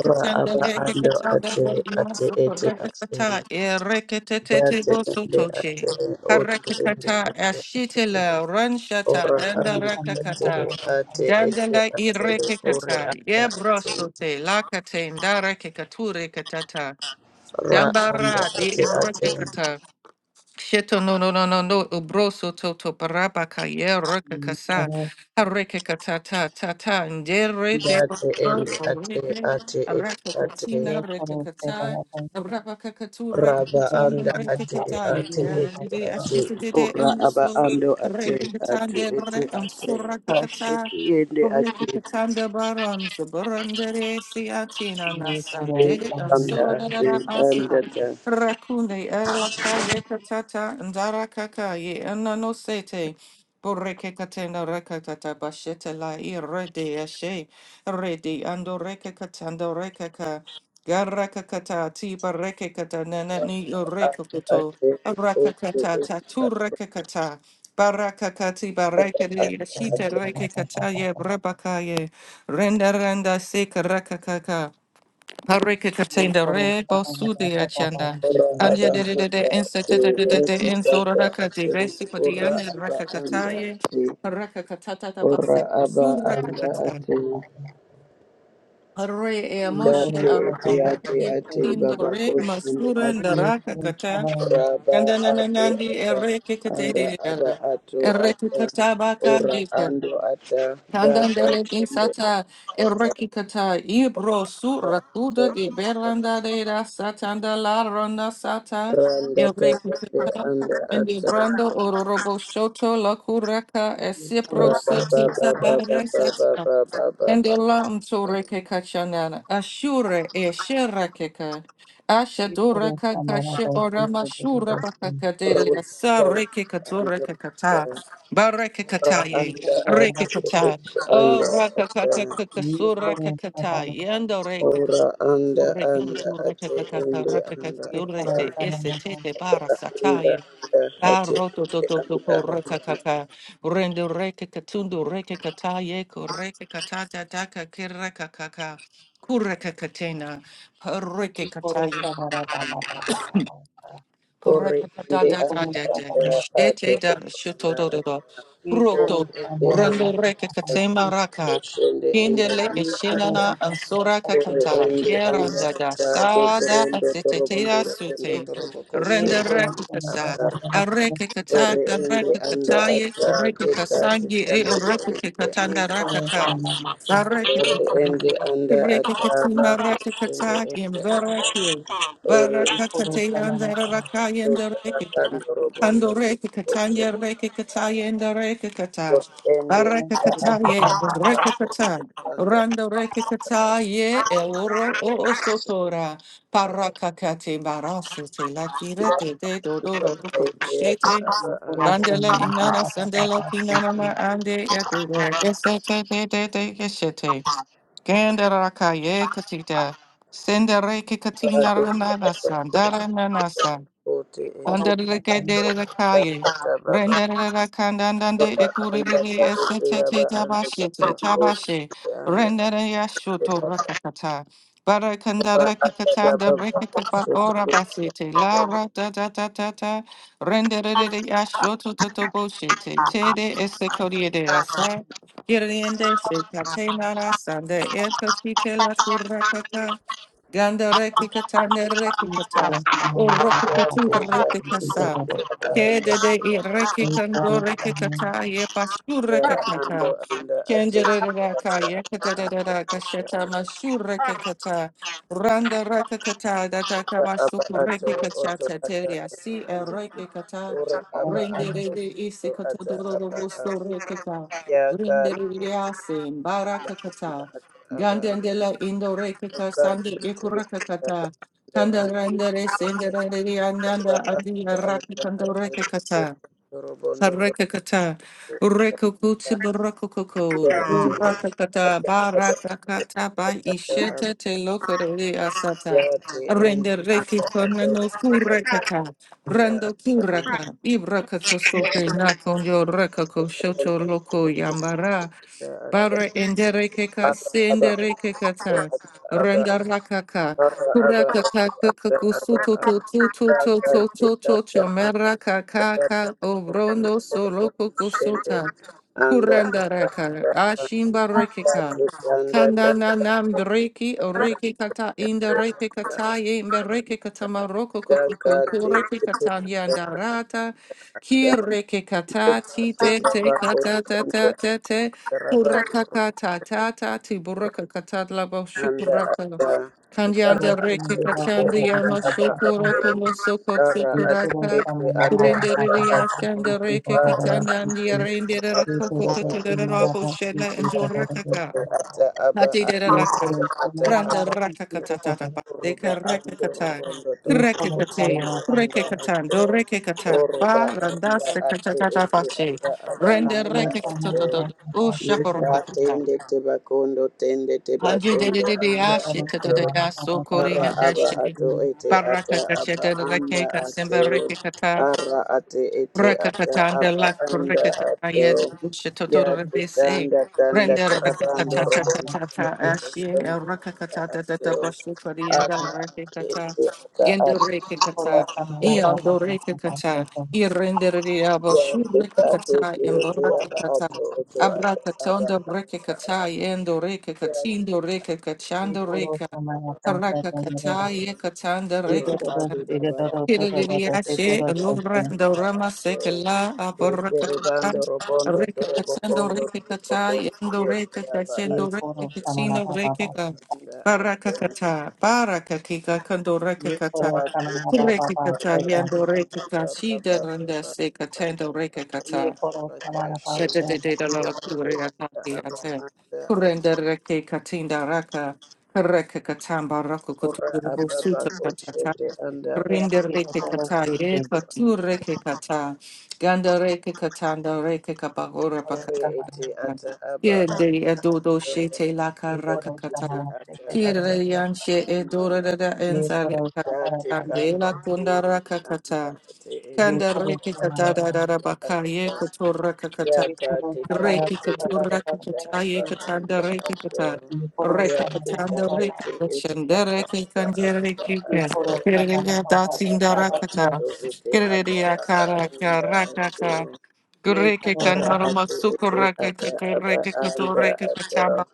Speaker 3: ora aba anda
Speaker 1: Rekakatanda,
Speaker 3: ate ate
Speaker 1: Limasu,
Speaker 3: ete ate
Speaker 1: Rekakata, Erekatete
Speaker 3: date ende ate
Speaker 1: Bosotoche.
Speaker 3: ote ende
Speaker 1: Harekakata,
Speaker 3: ate
Speaker 1: Ashitela, Ranshata,
Speaker 2: ये
Speaker 3: ora
Speaker 2: थोड़ा
Speaker 3: anda
Speaker 2: सा बड़ा
Speaker 3: ate
Speaker 1: Dandarakakata,
Speaker 2: बड़ा बड़ा
Speaker 3: ate ete
Speaker 1: Dandala
Speaker 3: ate
Speaker 1: irekekata,
Speaker 3: ore anda ate
Speaker 1: yebrosote, lakate, ndarekekature katata,
Speaker 3: ra anda
Speaker 1: Dambara di
Speaker 3: ate ate
Speaker 1: ebrekekata. Sheto no no no no no ubroso toto paraba ye reka
Speaker 2: ये
Speaker 1: kasa
Speaker 2: थोड़ा
Speaker 1: hareke kata ta ta ta ndere te
Speaker 3: date
Speaker 1: bacho
Speaker 3: ende ate
Speaker 1: reke
Speaker 3: ate ete
Speaker 1: araka
Speaker 3: ate
Speaker 1: katina
Speaker 2: ये
Speaker 1: reke
Speaker 2: थोड़ा से
Speaker 1: kata
Speaker 2: बड़ा बड़ा
Speaker 1: arabaka katu reke
Speaker 3: Raba
Speaker 2: जरा
Speaker 1: katanda
Speaker 3: anda
Speaker 2: सा बड़ा
Speaker 1: reke
Speaker 3: ate
Speaker 2: बड़ा
Speaker 1: kata
Speaker 2: से
Speaker 1: ye
Speaker 2: से
Speaker 3: ate
Speaker 2: बड़ा
Speaker 3: ete
Speaker 1: dide
Speaker 2: बड़ा
Speaker 3: ate
Speaker 1: ashita dide
Speaker 3: ora aba
Speaker 1: emso
Speaker 3: ando ate
Speaker 1: reke
Speaker 3: ate
Speaker 1: katanda
Speaker 3: ete
Speaker 1: re
Speaker 3: ate
Speaker 1: amsura kata
Speaker 3: kasheti yende
Speaker 1: reke
Speaker 3: ate
Speaker 1: katanda baram sabarandere siatina
Speaker 2: ये
Speaker 1: nasa
Speaker 2: थोड़ा
Speaker 3: ete
Speaker 1: dide
Speaker 2: सा बड़ा
Speaker 3: anda
Speaker 1: amsura
Speaker 2: बड़ा
Speaker 1: da
Speaker 3: ate
Speaker 1: da
Speaker 3: anda
Speaker 1: asa
Speaker 3: da
Speaker 1: Rakune erlaka yekatata ndara kaka ye anano sete boreke katenda rakatata bashete la irede ashe rede ando reke katando rekaka garaka kata tiba reke kata nana ni yoreko koto
Speaker 3: ate
Speaker 1: raka
Speaker 3: ete
Speaker 1: kata tatu
Speaker 3: ete
Speaker 1: reke kata baraka kati bareke di
Speaker 2: थोड़ा सा
Speaker 1: ashite reke
Speaker 2: बड़ा बड़ा
Speaker 1: kata ye
Speaker 2: बड़ा
Speaker 1: brebaka ye renda renda seka raka kaka Hareke
Speaker 2: ये
Speaker 1: katenda
Speaker 2: थोड़ा
Speaker 1: re
Speaker 2: सा बड़ा
Speaker 1: bosu de
Speaker 2: बड़ा बड़ा
Speaker 1: achanda.
Speaker 2: से
Speaker 3: ora
Speaker 2: से
Speaker 1: Anya
Speaker 3: aba
Speaker 1: de de de de
Speaker 3: anda ate
Speaker 1: insete de de de de
Speaker 3: ete
Speaker 1: insora
Speaker 3: tanda
Speaker 1: raka de
Speaker 3: ate
Speaker 1: resi
Speaker 3: ora
Speaker 1: kodiana
Speaker 3: aba
Speaker 1: raka
Speaker 3: anda
Speaker 1: kataye.
Speaker 3: ate
Speaker 1: Raka katata da
Speaker 3: ora
Speaker 1: base
Speaker 3: aba
Speaker 1: sura
Speaker 3: anda
Speaker 2: बड़ा
Speaker 1: katata.
Speaker 3: ate
Speaker 2: बड़ा
Speaker 1: Hare e
Speaker 2: ये
Speaker 1: amoshi
Speaker 2: थोड़ा
Speaker 3: Date
Speaker 2: सा
Speaker 3: ete
Speaker 1: araka
Speaker 2: काम
Speaker 3: ate
Speaker 1: kataye
Speaker 2: करता है
Speaker 3: ate
Speaker 1: katindo
Speaker 3: baba
Speaker 1: re
Speaker 3: koshende
Speaker 1: masura nda
Speaker 2: ये
Speaker 1: raka
Speaker 2: थोड़ा सा
Speaker 1: kata.
Speaker 2: बड़ा है
Speaker 3: raba
Speaker 1: Kanda na na
Speaker 3: ato
Speaker 1: nandi e
Speaker 3: ata
Speaker 1: reke
Speaker 3: ara
Speaker 1: katere
Speaker 3: aba
Speaker 1: ara.
Speaker 3: ato
Speaker 1: E reke
Speaker 3: ata
Speaker 1: katabaka
Speaker 3: ora ando ata daka
Speaker 1: Tandandele din
Speaker 3: tende
Speaker 1: sata
Speaker 3: ata
Speaker 1: erekikata ibro
Speaker 3: aba
Speaker 1: surakuda
Speaker 3: ato
Speaker 1: di
Speaker 3: ata
Speaker 1: beranda de da satanda la ronda sata
Speaker 3: randa tende
Speaker 1: erekikata
Speaker 3: anda
Speaker 1: and the
Speaker 3: ata
Speaker 1: brando ororobo shoto la curaka
Speaker 2: ये थोड़ा
Speaker 1: esipro
Speaker 2: सा
Speaker 3: raba ba
Speaker 1: sitita
Speaker 2: मेरा
Speaker 3: ba ba ba ba ba ba ba ba ba
Speaker 1: Candela umsore ke kachanana, ashure e shera keka,
Speaker 2: है, ये
Speaker 1: ashadura
Speaker 2: थोड़ा सा मेरा
Speaker 1: kakashe
Speaker 2: है,
Speaker 1: ora
Speaker 2: ये थोड़ा सा
Speaker 1: mashura
Speaker 2: दोस्त है
Speaker 1: bakakadere,
Speaker 3: Ruta
Speaker 1: sa
Speaker 3: tai
Speaker 1: reke katura
Speaker 3: anda ata
Speaker 1: kakata, bareke
Speaker 3: ora
Speaker 2: ये
Speaker 1: kataye,
Speaker 2: थोड़ा
Speaker 3: anda
Speaker 2: सा बड़ा
Speaker 1: reke
Speaker 3: ate
Speaker 2: दोस्त है,
Speaker 1: kata, o
Speaker 3: anda
Speaker 1: raka
Speaker 3: ata
Speaker 2: ये
Speaker 1: kakakakasura
Speaker 2: थोड़ा सा
Speaker 1: kakata,
Speaker 2: बड़ा
Speaker 1: yendo reke
Speaker 3: ora anda
Speaker 1: kakure
Speaker 3: anda
Speaker 1: kakatura
Speaker 3: ate
Speaker 1: kakakaka,
Speaker 3: ende
Speaker 1: raka
Speaker 3: anda
Speaker 2: ये
Speaker 1: kakadure
Speaker 2: थोड़ा
Speaker 1: de
Speaker 3: ata
Speaker 2: सा
Speaker 1: ese
Speaker 2: मेरा है,
Speaker 1: tete
Speaker 3: anda
Speaker 1: bara
Speaker 3: anda
Speaker 1: sataye. Pa
Speaker 3: ate
Speaker 1: roto to to to ko
Speaker 3: anda ate
Speaker 1: reka kaka rendo reke katundu reke kata ye ko reke kata da da ka ke reka kaka kureka katena pa reke
Speaker 2: ये
Speaker 1: kata
Speaker 2: थोड़ा
Speaker 1: ye
Speaker 2: सा बड़ा बाबा बाबा बाबा बाबा
Speaker 1: Rekekatanda
Speaker 3: ore ende
Speaker 2: ये थोड़ा
Speaker 3: anda
Speaker 2: सा बड़ा
Speaker 3: ate ate anda
Speaker 2: ये
Speaker 3: ate ore
Speaker 2: थोड़ा सा
Speaker 3: ende
Speaker 2: मेरा
Speaker 3: anda
Speaker 2: बाबा बाबा है,
Speaker 3: ate shende ende
Speaker 2: ये
Speaker 3: anda
Speaker 2: थोड़ा
Speaker 3: ate
Speaker 2: सा बाबा बाबा बाबा
Speaker 3: ore ende anda ate dotorendo torobondoro endo toroboko
Speaker 2: ये
Speaker 3: shende
Speaker 2: थोड़ा सा मेरा
Speaker 3: anda
Speaker 2: बाबा
Speaker 3: ate
Speaker 2: बाबा
Speaker 3: ore
Speaker 1: rakaka,
Speaker 3: ende anda ate deka tutanda ende anda
Speaker 2: ये
Speaker 1: rekekatanda, rekekatanda
Speaker 2: थोड़ा सा मेरा है,
Speaker 3: ore ende anda ate bako shende
Speaker 1: rakaka,
Speaker 3: ende
Speaker 1: imbereke.
Speaker 3: anda
Speaker 2: ये थोड़ा सा मेरा है।
Speaker 1: Barakatayandarakayandaraykata.
Speaker 3: Kandoro bondo kose
Speaker 1: Kandorekatayandarakatayandarakata.
Speaker 3: ende
Speaker 2: ये कॉर्ड से
Speaker 1: Barakataye, rekatata.
Speaker 3: kose anda
Speaker 1: Randorekataye, eloro oosotora. Parakakate barasete
Speaker 3: kira
Speaker 1: lakirete de
Speaker 3: kira
Speaker 1: dodoro
Speaker 3: paite ya
Speaker 1: kodishete.
Speaker 3: kaba
Speaker 2: ये कॉर्ड
Speaker 3: anda
Speaker 2: से
Speaker 1: Bandela
Speaker 2: ये
Speaker 1: inana
Speaker 2: कॉर्ड
Speaker 1: sandela kinana ma
Speaker 2: से
Speaker 1: ande yate de esete de de de yesete. Gandarakaye Katita. Sendere
Speaker 3: kado
Speaker 1: Kikatina Nana
Speaker 3: kaba
Speaker 1: San Dara Nana sa.
Speaker 3: kote ete
Speaker 1: Andarakadekaya.
Speaker 3: kata baba
Speaker 1: Rendarakandandande
Speaker 3: baba anda
Speaker 1: ekuridiri
Speaker 3: kare kira ba
Speaker 1: eseteke
Speaker 3: anda kaba
Speaker 1: tabashete
Speaker 3: kose
Speaker 1: tabashe.
Speaker 3: ete anda
Speaker 1: Rendarayashoto
Speaker 3: kaba
Speaker 1: rakakata.
Speaker 3: baba anda kaba
Speaker 1: Barakandarakikatanda
Speaker 3: baba
Speaker 1: rekakaba
Speaker 3: kose ete
Speaker 1: orabasete.
Speaker 3: kaba
Speaker 1: La
Speaker 3: baba
Speaker 1: ra da da da da da. Rendarayashoto totoboshete. Tede esekoriede asa. Giriende sekate narasande. Etatike la kurakata. Gandere kikata nere
Speaker 2: ये
Speaker 1: kikata.
Speaker 2: कॉर्ड से मारा
Speaker 1: Oroko
Speaker 2: बारा
Speaker 1: kutinka
Speaker 3: kate
Speaker 2: बारा
Speaker 1: rete
Speaker 2: चलती ये कॉर्ड से मारा बारा बारा
Speaker 3: kate
Speaker 2: चलती तो
Speaker 1: kasa.
Speaker 2: तो
Speaker 3: kira ba anda
Speaker 1: Kede de
Speaker 2: ये
Speaker 1: ireki
Speaker 2: ये कॉर्ड
Speaker 1: kandore
Speaker 2: से मारा
Speaker 1: kikata ye pashure
Speaker 3: Yara
Speaker 1: kikata.
Speaker 3: ando anda ate ata
Speaker 1: Kenjerereraka,
Speaker 3: ata anda
Speaker 1: yekaterereraka,
Speaker 3: ata
Speaker 1: shetama shurekekata, randa rakakata, dataka
Speaker 3: ata aba
Speaker 1: masuku
Speaker 3: ato oto
Speaker 1: rekekachata,
Speaker 3: ata
Speaker 1: teria,
Speaker 3: aba
Speaker 1: si e
Speaker 3: a.
Speaker 1: reke kata,
Speaker 3: ora
Speaker 2: ये कॉर्ड
Speaker 3: aba
Speaker 1: rende
Speaker 2: से
Speaker 3: ato
Speaker 1: rede isi
Speaker 3: oto ata
Speaker 1: katodororo
Speaker 3: aba a.
Speaker 1: busto rekeka,
Speaker 3: ya ka te
Speaker 1: rendererease,
Speaker 3: anda anda
Speaker 1: kata
Speaker 3: ata aba
Speaker 1: gandendela indo rekeka,
Speaker 3: oka
Speaker 1: sande
Speaker 3: shite
Speaker 1: ekuraka
Speaker 3: ata
Speaker 1: kata
Speaker 3: aba ando
Speaker 1: kanda
Speaker 3: anda
Speaker 1: rendere senderere
Speaker 3: ra
Speaker 1: andanda adi
Speaker 3: ando anda
Speaker 1: arakakando
Speaker 3: ate oto
Speaker 1: rekekata.
Speaker 3: torobondo toroka
Speaker 1: Parekakata, Rekukuti
Speaker 3: ya
Speaker 1: Barakokoko,
Speaker 3: te
Speaker 1: Rakakata,
Speaker 3: ata aba ata aba
Speaker 1: Barakakata, Ba Ishete Te Lokore
Speaker 3: ya
Speaker 1: Asata,
Speaker 3: te anda
Speaker 1: Rende
Speaker 3: anda
Speaker 1: Reki
Speaker 3: ato
Speaker 1: Konano
Speaker 3: oto
Speaker 1: Kurekaka, Rando
Speaker 3: ata anda
Speaker 1: Kuraka, Ibrakako Sope
Speaker 3: ata
Speaker 1: Nakonjo
Speaker 3: and
Speaker 1: Rekako Shoto Loko Yambara, Bara enderekeka senderekekata. Randarakaka. Turakaka kukusuto to to to to to to to chomerakakaka obrono soloko kusota. Kurandaraka. Ashimbarekeka. Kanana nam breki oreki kata inda reke kata ye mbereke kata maroko kokuko toreke kata yandarata ki reke kata ti te te kata ta ta ta te Urakakata tata tiburaka katalabo
Speaker 3: anda
Speaker 1: shukuraka
Speaker 3: ada
Speaker 2: ये
Speaker 3: ara
Speaker 2: कॉर्ड
Speaker 1: kandianda
Speaker 2: से
Speaker 3: ate ada
Speaker 1: reke
Speaker 2: मारा बारा
Speaker 1: kachanda
Speaker 2: बारा
Speaker 3: ada
Speaker 1: yama
Speaker 3: aba ato
Speaker 2: चलती
Speaker 1: shokoro kono soko
Speaker 3: ara
Speaker 2: ये कॉर्ड
Speaker 3: ate
Speaker 1: tsekuraka
Speaker 2: से
Speaker 3: ada
Speaker 2: मारा
Speaker 3: ada
Speaker 2: बारा
Speaker 3: aba
Speaker 2: बारा
Speaker 1: kurendereria
Speaker 3: ato
Speaker 1: shanda
Speaker 2: चलती तो
Speaker 1: reke
Speaker 2: तो
Speaker 3: ara
Speaker 1: katanda
Speaker 2: ये
Speaker 3: ate
Speaker 1: andia rendera
Speaker 2: ये
Speaker 3: ada
Speaker 1: koko
Speaker 2: कॉर्ड से
Speaker 1: totelera
Speaker 2: मारा
Speaker 1: rabo
Speaker 2: तो तो ये
Speaker 1: shela and urakaka
Speaker 3: ada aba ada aba ato
Speaker 1: Hadirerakan,
Speaker 2: कॉर्ड से
Speaker 3: ada
Speaker 1: Randa
Speaker 3: aba
Speaker 1: Rakakatata,
Speaker 3: Oruba
Speaker 1: Deka
Speaker 3: ando
Speaker 1: Rakakata,
Speaker 3: robondo torobo
Speaker 1: Rekikatea,
Speaker 3: kusendo
Speaker 2: मारा तो
Speaker 3: anda
Speaker 2: तो
Speaker 1: Rekikatan,
Speaker 3: ato
Speaker 1: Do Rekikatan,
Speaker 3: oruba
Speaker 1: Ba Randa
Speaker 3: anda ate
Speaker 1: Sekatata
Speaker 3: ete
Speaker 1: Fashi,
Speaker 3: ata aba
Speaker 2: ये
Speaker 1: Renda
Speaker 3: anda
Speaker 2: थोड़ा सा
Speaker 3: ato
Speaker 2: हमारा
Speaker 1: Rekikatata,
Speaker 2: बात
Speaker 1: O
Speaker 2: बता सकते
Speaker 3: yeka
Speaker 2: हैं
Speaker 1: Shabarokata,
Speaker 3: tende tebakondo tende
Speaker 1: Hanji de de
Speaker 3: tebakondo
Speaker 1: de de
Speaker 2: वो
Speaker 3: anda
Speaker 1: Ashi
Speaker 2: करो से
Speaker 1: Tata
Speaker 3: ato
Speaker 2: हमारा बाबा
Speaker 1: Sokori
Speaker 2: Baba
Speaker 3: Ara
Speaker 1: and
Speaker 3: aba
Speaker 1: Dashi,
Speaker 3: ato
Speaker 2: बच्चे
Speaker 3: ete ata aba
Speaker 1: Barakatacheta,
Speaker 3: anda
Speaker 1: Rekika,
Speaker 3: ato.
Speaker 1: Simba Rekekata,
Speaker 3: Ara ate ete ata
Speaker 1: Rakakatanda
Speaker 3: aba
Speaker 1: lak
Speaker 3: anda ato.
Speaker 1: rakataya dubusha
Speaker 3: Ya
Speaker 1: totoro
Speaker 3: te
Speaker 1: rebese.
Speaker 3: tanda tanda
Speaker 2: ये
Speaker 1: Brenda
Speaker 2: थोड़ा सा
Speaker 3: tarabando
Speaker 1: rakatata
Speaker 2: हमारा बात
Speaker 1: tata
Speaker 2: बता
Speaker 3: robondo
Speaker 1: tata
Speaker 2: सकते हैं
Speaker 3: robondo robondo
Speaker 1: ashye
Speaker 3: anda
Speaker 1: rakakatata
Speaker 3: ato.
Speaker 1: tata boshu korienda
Speaker 3: Ata ate
Speaker 1: rakakata.
Speaker 3: ete ata
Speaker 1: Yendo
Speaker 3: aba
Speaker 2: ये
Speaker 3: anda
Speaker 2: थोड़ा
Speaker 1: rekakata.
Speaker 2: सा
Speaker 3: ato.
Speaker 2: हमारा बाबा
Speaker 1: Ialdo
Speaker 2: बाबा बात
Speaker 1: rekakata.
Speaker 2: करता है
Speaker 1: Irrender diabo
Speaker 3: Ya
Speaker 1: shu
Speaker 3: te tate
Speaker 1: rekakata
Speaker 3: te ete aba
Speaker 1: emborakakata.
Speaker 3: ato oto ata aba
Speaker 1: Abrakatondo
Speaker 3: anda ato.
Speaker 1: rekakata yendo
Speaker 3: Ya te
Speaker 1: rekakatindo
Speaker 2: ये
Speaker 1: rekakachando
Speaker 3: ate ete
Speaker 2: थोड़ा
Speaker 1: reka.
Speaker 2: सा
Speaker 3: aba
Speaker 2: हमारा चाचा का मेरा
Speaker 1: Karakakata
Speaker 3: ato.
Speaker 1: yekatanda
Speaker 2: ये
Speaker 3: Ora
Speaker 2: जो दोस्त
Speaker 1: rekakata.
Speaker 3: adi
Speaker 2: ये जो
Speaker 3: babara
Speaker 2: दोस्त
Speaker 3: soko
Speaker 2: जो दोस्त
Speaker 3: soko
Speaker 2: ये जो
Speaker 1: Kiririashe,
Speaker 2: दोस्त
Speaker 3: lipira
Speaker 2: होते हैं
Speaker 1: Lurando
Speaker 3: anda
Speaker 1: Rama
Speaker 3: aso.
Speaker 1: Sekala, Aporakata,
Speaker 3: Tepere bando robondo toro
Speaker 1: Rekatando
Speaker 3: bokondo toko
Speaker 1: Rekata,
Speaker 3: toro
Speaker 1: Yendo
Speaker 3: kia kia ba
Speaker 2: ये
Speaker 1: Rekatachendo
Speaker 3: ato
Speaker 2: थोड़ा सा
Speaker 3: ato
Speaker 2: हमारा
Speaker 1: Rekatino
Speaker 3: ato
Speaker 2: बाबा बात
Speaker 1: Rekata,
Speaker 3: anda ato.
Speaker 1: Barakakata, Barakakika Kando
Speaker 2: ये
Speaker 1: Rekata,
Speaker 2: थोड़ा सा
Speaker 3: Ratu
Speaker 2: हमारा बाबा
Speaker 3: tata ba
Speaker 2: बात
Speaker 1: Rekata,
Speaker 3: ba
Speaker 2: करता है
Speaker 1: Yendo
Speaker 3: ba
Speaker 1: Rekata, Shida
Speaker 3: ba
Speaker 1: Randa
Speaker 3: ba ba ba ba
Speaker 1: Sekatendo
Speaker 3: ba
Speaker 2: ये
Speaker 1: Rekata.
Speaker 3: ba ba ba
Speaker 2: थोड़ा
Speaker 3: ba
Speaker 2: सा हमारा बात
Speaker 3: kashe.
Speaker 2: करता
Speaker 1: Shetete
Speaker 2: है
Speaker 1: teila
Speaker 3: Ande
Speaker 1: la kure ya
Speaker 3: anda
Speaker 1: kati ya
Speaker 3: aba anda
Speaker 1: kwenye
Speaker 3: ato.
Speaker 1: kwenye kikatinda raka kireke katamba raku
Speaker 3: Ora
Speaker 1: kutubu
Speaker 3: aba ba
Speaker 1: kusutika katan
Speaker 3: koshende anda
Speaker 2: ये
Speaker 3: ato.
Speaker 2: ये
Speaker 1: kwenye
Speaker 2: जो
Speaker 1: kikata
Speaker 2: दोस्त होते
Speaker 1: yeye
Speaker 2: हैं
Speaker 1: katu kikata ganda kikata nda kikaba
Speaker 2: ये
Speaker 1: ora
Speaker 2: थोड़ा
Speaker 3: Ore
Speaker 1: pakata
Speaker 2: सा हमारा
Speaker 3: ete ata aba
Speaker 1: kirede adodo
Speaker 3: ato.
Speaker 1: shete
Speaker 2: ये
Speaker 1: lakar
Speaker 3: Ora
Speaker 1: raka
Speaker 2: थोड़ा सा
Speaker 3: ete
Speaker 1: katan
Speaker 2: हमारा
Speaker 3: ata
Speaker 2: से
Speaker 3: ata
Speaker 1: kirede
Speaker 2: दादा
Speaker 1: yance
Speaker 3: anda
Speaker 1: adora da
Speaker 2: ये
Speaker 1: nzala
Speaker 2: खोरोस्ता
Speaker 3: ate
Speaker 2: बरापासी
Speaker 1: kule
Speaker 3: kanda
Speaker 2: थी
Speaker 1: kunda
Speaker 3: tayende
Speaker 1: raka
Speaker 3: anda
Speaker 1: katan.
Speaker 3: ate ete
Speaker 2: ये
Speaker 1: Kanda
Speaker 2: खोरोस्तो
Speaker 1: rekita
Speaker 3: aba
Speaker 1: da da
Speaker 2: मनापा
Speaker 1: da da baka ye
Speaker 3: ato
Speaker 1: kotora kakata.
Speaker 2: ये
Speaker 3: yaka
Speaker 2: खोरोस्ता
Speaker 3: teta
Speaker 2: बरापा
Speaker 1: Rekita
Speaker 3: ete
Speaker 2: पता
Speaker 3: ete
Speaker 1: tura
Speaker 2: पता पता
Speaker 1: kakata ye
Speaker 3: aba
Speaker 2: से
Speaker 1: katanda
Speaker 3: anda ato
Speaker 1: rekita.
Speaker 2: ये
Speaker 3: ya
Speaker 2: खोरोस्ता
Speaker 1: Rekita
Speaker 3: teta
Speaker 2: मनापा
Speaker 1: tanda
Speaker 2: पापा
Speaker 3: ete
Speaker 2: पास,
Speaker 1: rekita
Speaker 3: ete
Speaker 1: shanda
Speaker 3: ata
Speaker 1: rekita
Speaker 3: aba
Speaker 2: ये
Speaker 1: rekita.
Speaker 3: anda ato
Speaker 2: खोरोस्ता
Speaker 1: Kiririya
Speaker 2: मनापा पापा
Speaker 3: aba
Speaker 1: datsin
Speaker 3: aba
Speaker 2: पापा से
Speaker 1: darakata.
Speaker 3: ato ete ata
Speaker 1: Kiririya
Speaker 3: aba
Speaker 1: karaka
Speaker 3: anda ato
Speaker 1: rakaka.
Speaker 2: ये
Speaker 1: Gureke
Speaker 3: ara
Speaker 2: खोरोस्ता
Speaker 1: kandaro
Speaker 3: ato
Speaker 1: masuko
Speaker 3: ete
Speaker 1: rakaka
Speaker 3: ata aba
Speaker 1: koreke
Speaker 3: anda
Speaker 1: kotore
Speaker 3: ato
Speaker 1: kakachamba.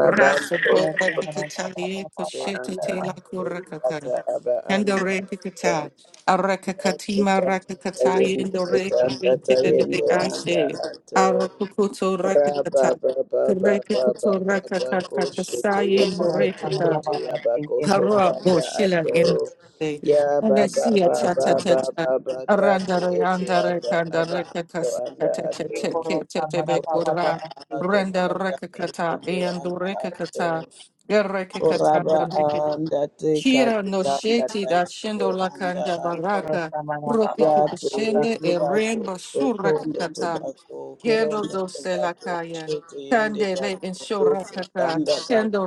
Speaker 1: Rasa
Speaker 2: ये
Speaker 1: kota
Speaker 2: खोरोस्ता
Speaker 1: kakata
Speaker 2: पापा
Speaker 1: ye
Speaker 2: पापा
Speaker 3: ete
Speaker 2: पापा
Speaker 1: koshete
Speaker 3: anda
Speaker 2: तथा
Speaker 1: tela
Speaker 3: ete
Speaker 1: kurakaka.
Speaker 3: ata aba anda
Speaker 1: Kandore Pikata, Arakakatima Rakakatai
Speaker 3: Tayende
Speaker 1: and Dore
Speaker 3: setanda tayende anda
Speaker 1: Ashe,
Speaker 3: ato
Speaker 1: Arokukuto
Speaker 3: raba
Speaker 1: Rakakata,
Speaker 3: baba baba baba
Speaker 1: Karekakato
Speaker 3: bako shete
Speaker 2: ये
Speaker 1: Rakakakakasai and
Speaker 3: yete yete
Speaker 2: खोरोस्ता
Speaker 1: Dorekata,
Speaker 3: yete
Speaker 2: मनापा पापा से
Speaker 3: yabako
Speaker 2: के दो
Speaker 1: Para
Speaker 2: की
Speaker 3: sosanda
Speaker 2: थी
Speaker 1: Boshila
Speaker 3: ato
Speaker 1: in the
Speaker 3: ya baba
Speaker 1: Alessia
Speaker 3: baba
Speaker 1: Tata Tata,
Speaker 3: baba bakate
Speaker 1: Arandare
Speaker 3: ete
Speaker 1: Andare
Speaker 3: ata aba
Speaker 1: Kandare
Speaker 3: ato anda
Speaker 1: Kakasakata
Speaker 3: ato
Speaker 2: ये
Speaker 1: Teke
Speaker 2: खोरोस्ता मनापा पापा
Speaker 3: raba
Speaker 1: Tetebekura,
Speaker 2: पापा से
Speaker 3: ato
Speaker 2: के
Speaker 1: Renda
Speaker 2: दो
Speaker 3: tanda
Speaker 2: से
Speaker 1: Rakakata
Speaker 3: yende
Speaker 1: and
Speaker 3: anda ato
Speaker 1: Dorekakata,
Speaker 3: raba
Speaker 1: Yarekakata
Speaker 3: anda teka
Speaker 1: Kira no
Speaker 3: tanda
Speaker 1: sheti da
Speaker 3: tayende
Speaker 1: shendo la kanja
Speaker 2: ये
Speaker 1: baraka.
Speaker 2: खोरोस्ता मनापा
Speaker 1: Roti
Speaker 2: पापा पास
Speaker 3: Yato
Speaker 2: तथा
Speaker 1: kubishende e
Speaker 3: ekurako
Speaker 1: remba surra
Speaker 3: okondo
Speaker 1: kakata.
Speaker 3: tobacco
Speaker 1: Gendo
Speaker 3: korondo
Speaker 1: do se la
Speaker 3: tobacco
Speaker 1: kaya.
Speaker 3: shete yende
Speaker 1: Kandele en
Speaker 3: bato
Speaker 1: shora
Speaker 3: kotse
Speaker 1: kaka.
Speaker 3: tanda bato
Speaker 1: Shendo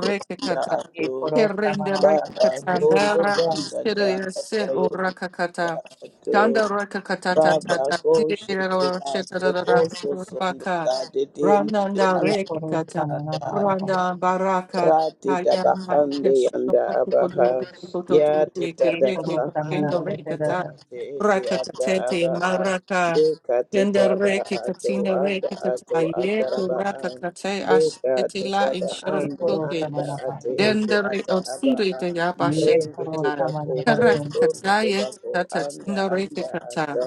Speaker 3: ya
Speaker 1: reke
Speaker 2: ये
Speaker 3: ato
Speaker 1: Que
Speaker 2: खोरोस्ता
Speaker 1: rende
Speaker 2: मनापा
Speaker 3: baba
Speaker 2: पापा से
Speaker 3: koto
Speaker 1: rekatandara,
Speaker 2: के
Speaker 3: tanda tanda
Speaker 1: kisterese
Speaker 3: tayenda
Speaker 1: ora kakata.
Speaker 3: ato
Speaker 1: Tanda rakakata tata,
Speaker 3: baba ko shete
Speaker 1: tirero
Speaker 3: baso
Speaker 1: shetarara,
Speaker 3: koso sondo
Speaker 1: baka.
Speaker 3: tade tende
Speaker 1: Rananda
Speaker 2: ये करो
Speaker 1: rekata,
Speaker 2: समना पापा पा
Speaker 1: randa baraka,
Speaker 3: Rati
Speaker 1: Kaya kayana,
Speaker 3: dabahande
Speaker 1: keshino,
Speaker 3: yanda abaha
Speaker 1: kukuduru, kutoturu,
Speaker 3: yati
Speaker 2: ये करो
Speaker 1: kereke,
Speaker 2: समना
Speaker 3: tadarabahanda
Speaker 1: kendo
Speaker 2: से से
Speaker 3: anda
Speaker 1: rekata.
Speaker 2: There
Speaker 3: ate ete
Speaker 1: Rakata
Speaker 3: ata
Speaker 1: tete,
Speaker 3: aba a
Speaker 1: maraka.
Speaker 3: deka
Speaker 1: Kenda
Speaker 3: tetaba
Speaker 1: reki,
Speaker 3: ato
Speaker 1: katinda
Speaker 3: anda
Speaker 1: reki,
Speaker 3: ato
Speaker 1: tata, yeku
Speaker 3: ataraba a
Speaker 1: rakakate,
Speaker 3: deka
Speaker 1: ashtetila,
Speaker 3: tetaba
Speaker 2: ये
Speaker 3: ando
Speaker 2: करो
Speaker 1: insharakuge.
Speaker 3: anda
Speaker 2: समना पा
Speaker 3: ate
Speaker 2: से
Speaker 3: ete
Speaker 1: Dendere
Speaker 3: ata aba
Speaker 1: otsuri
Speaker 3: a
Speaker 1: te
Speaker 2: ये
Speaker 1: yabashet
Speaker 3: rende
Speaker 2: करो
Speaker 1: yara.
Speaker 3: tebako
Speaker 2: समना दर से
Speaker 1: Karaka
Speaker 3: toto
Speaker 1: kataya
Speaker 3: tobako
Speaker 1: tata
Speaker 3: anda
Speaker 1: indoreke
Speaker 3: anda
Speaker 1: kata.
Speaker 3: ata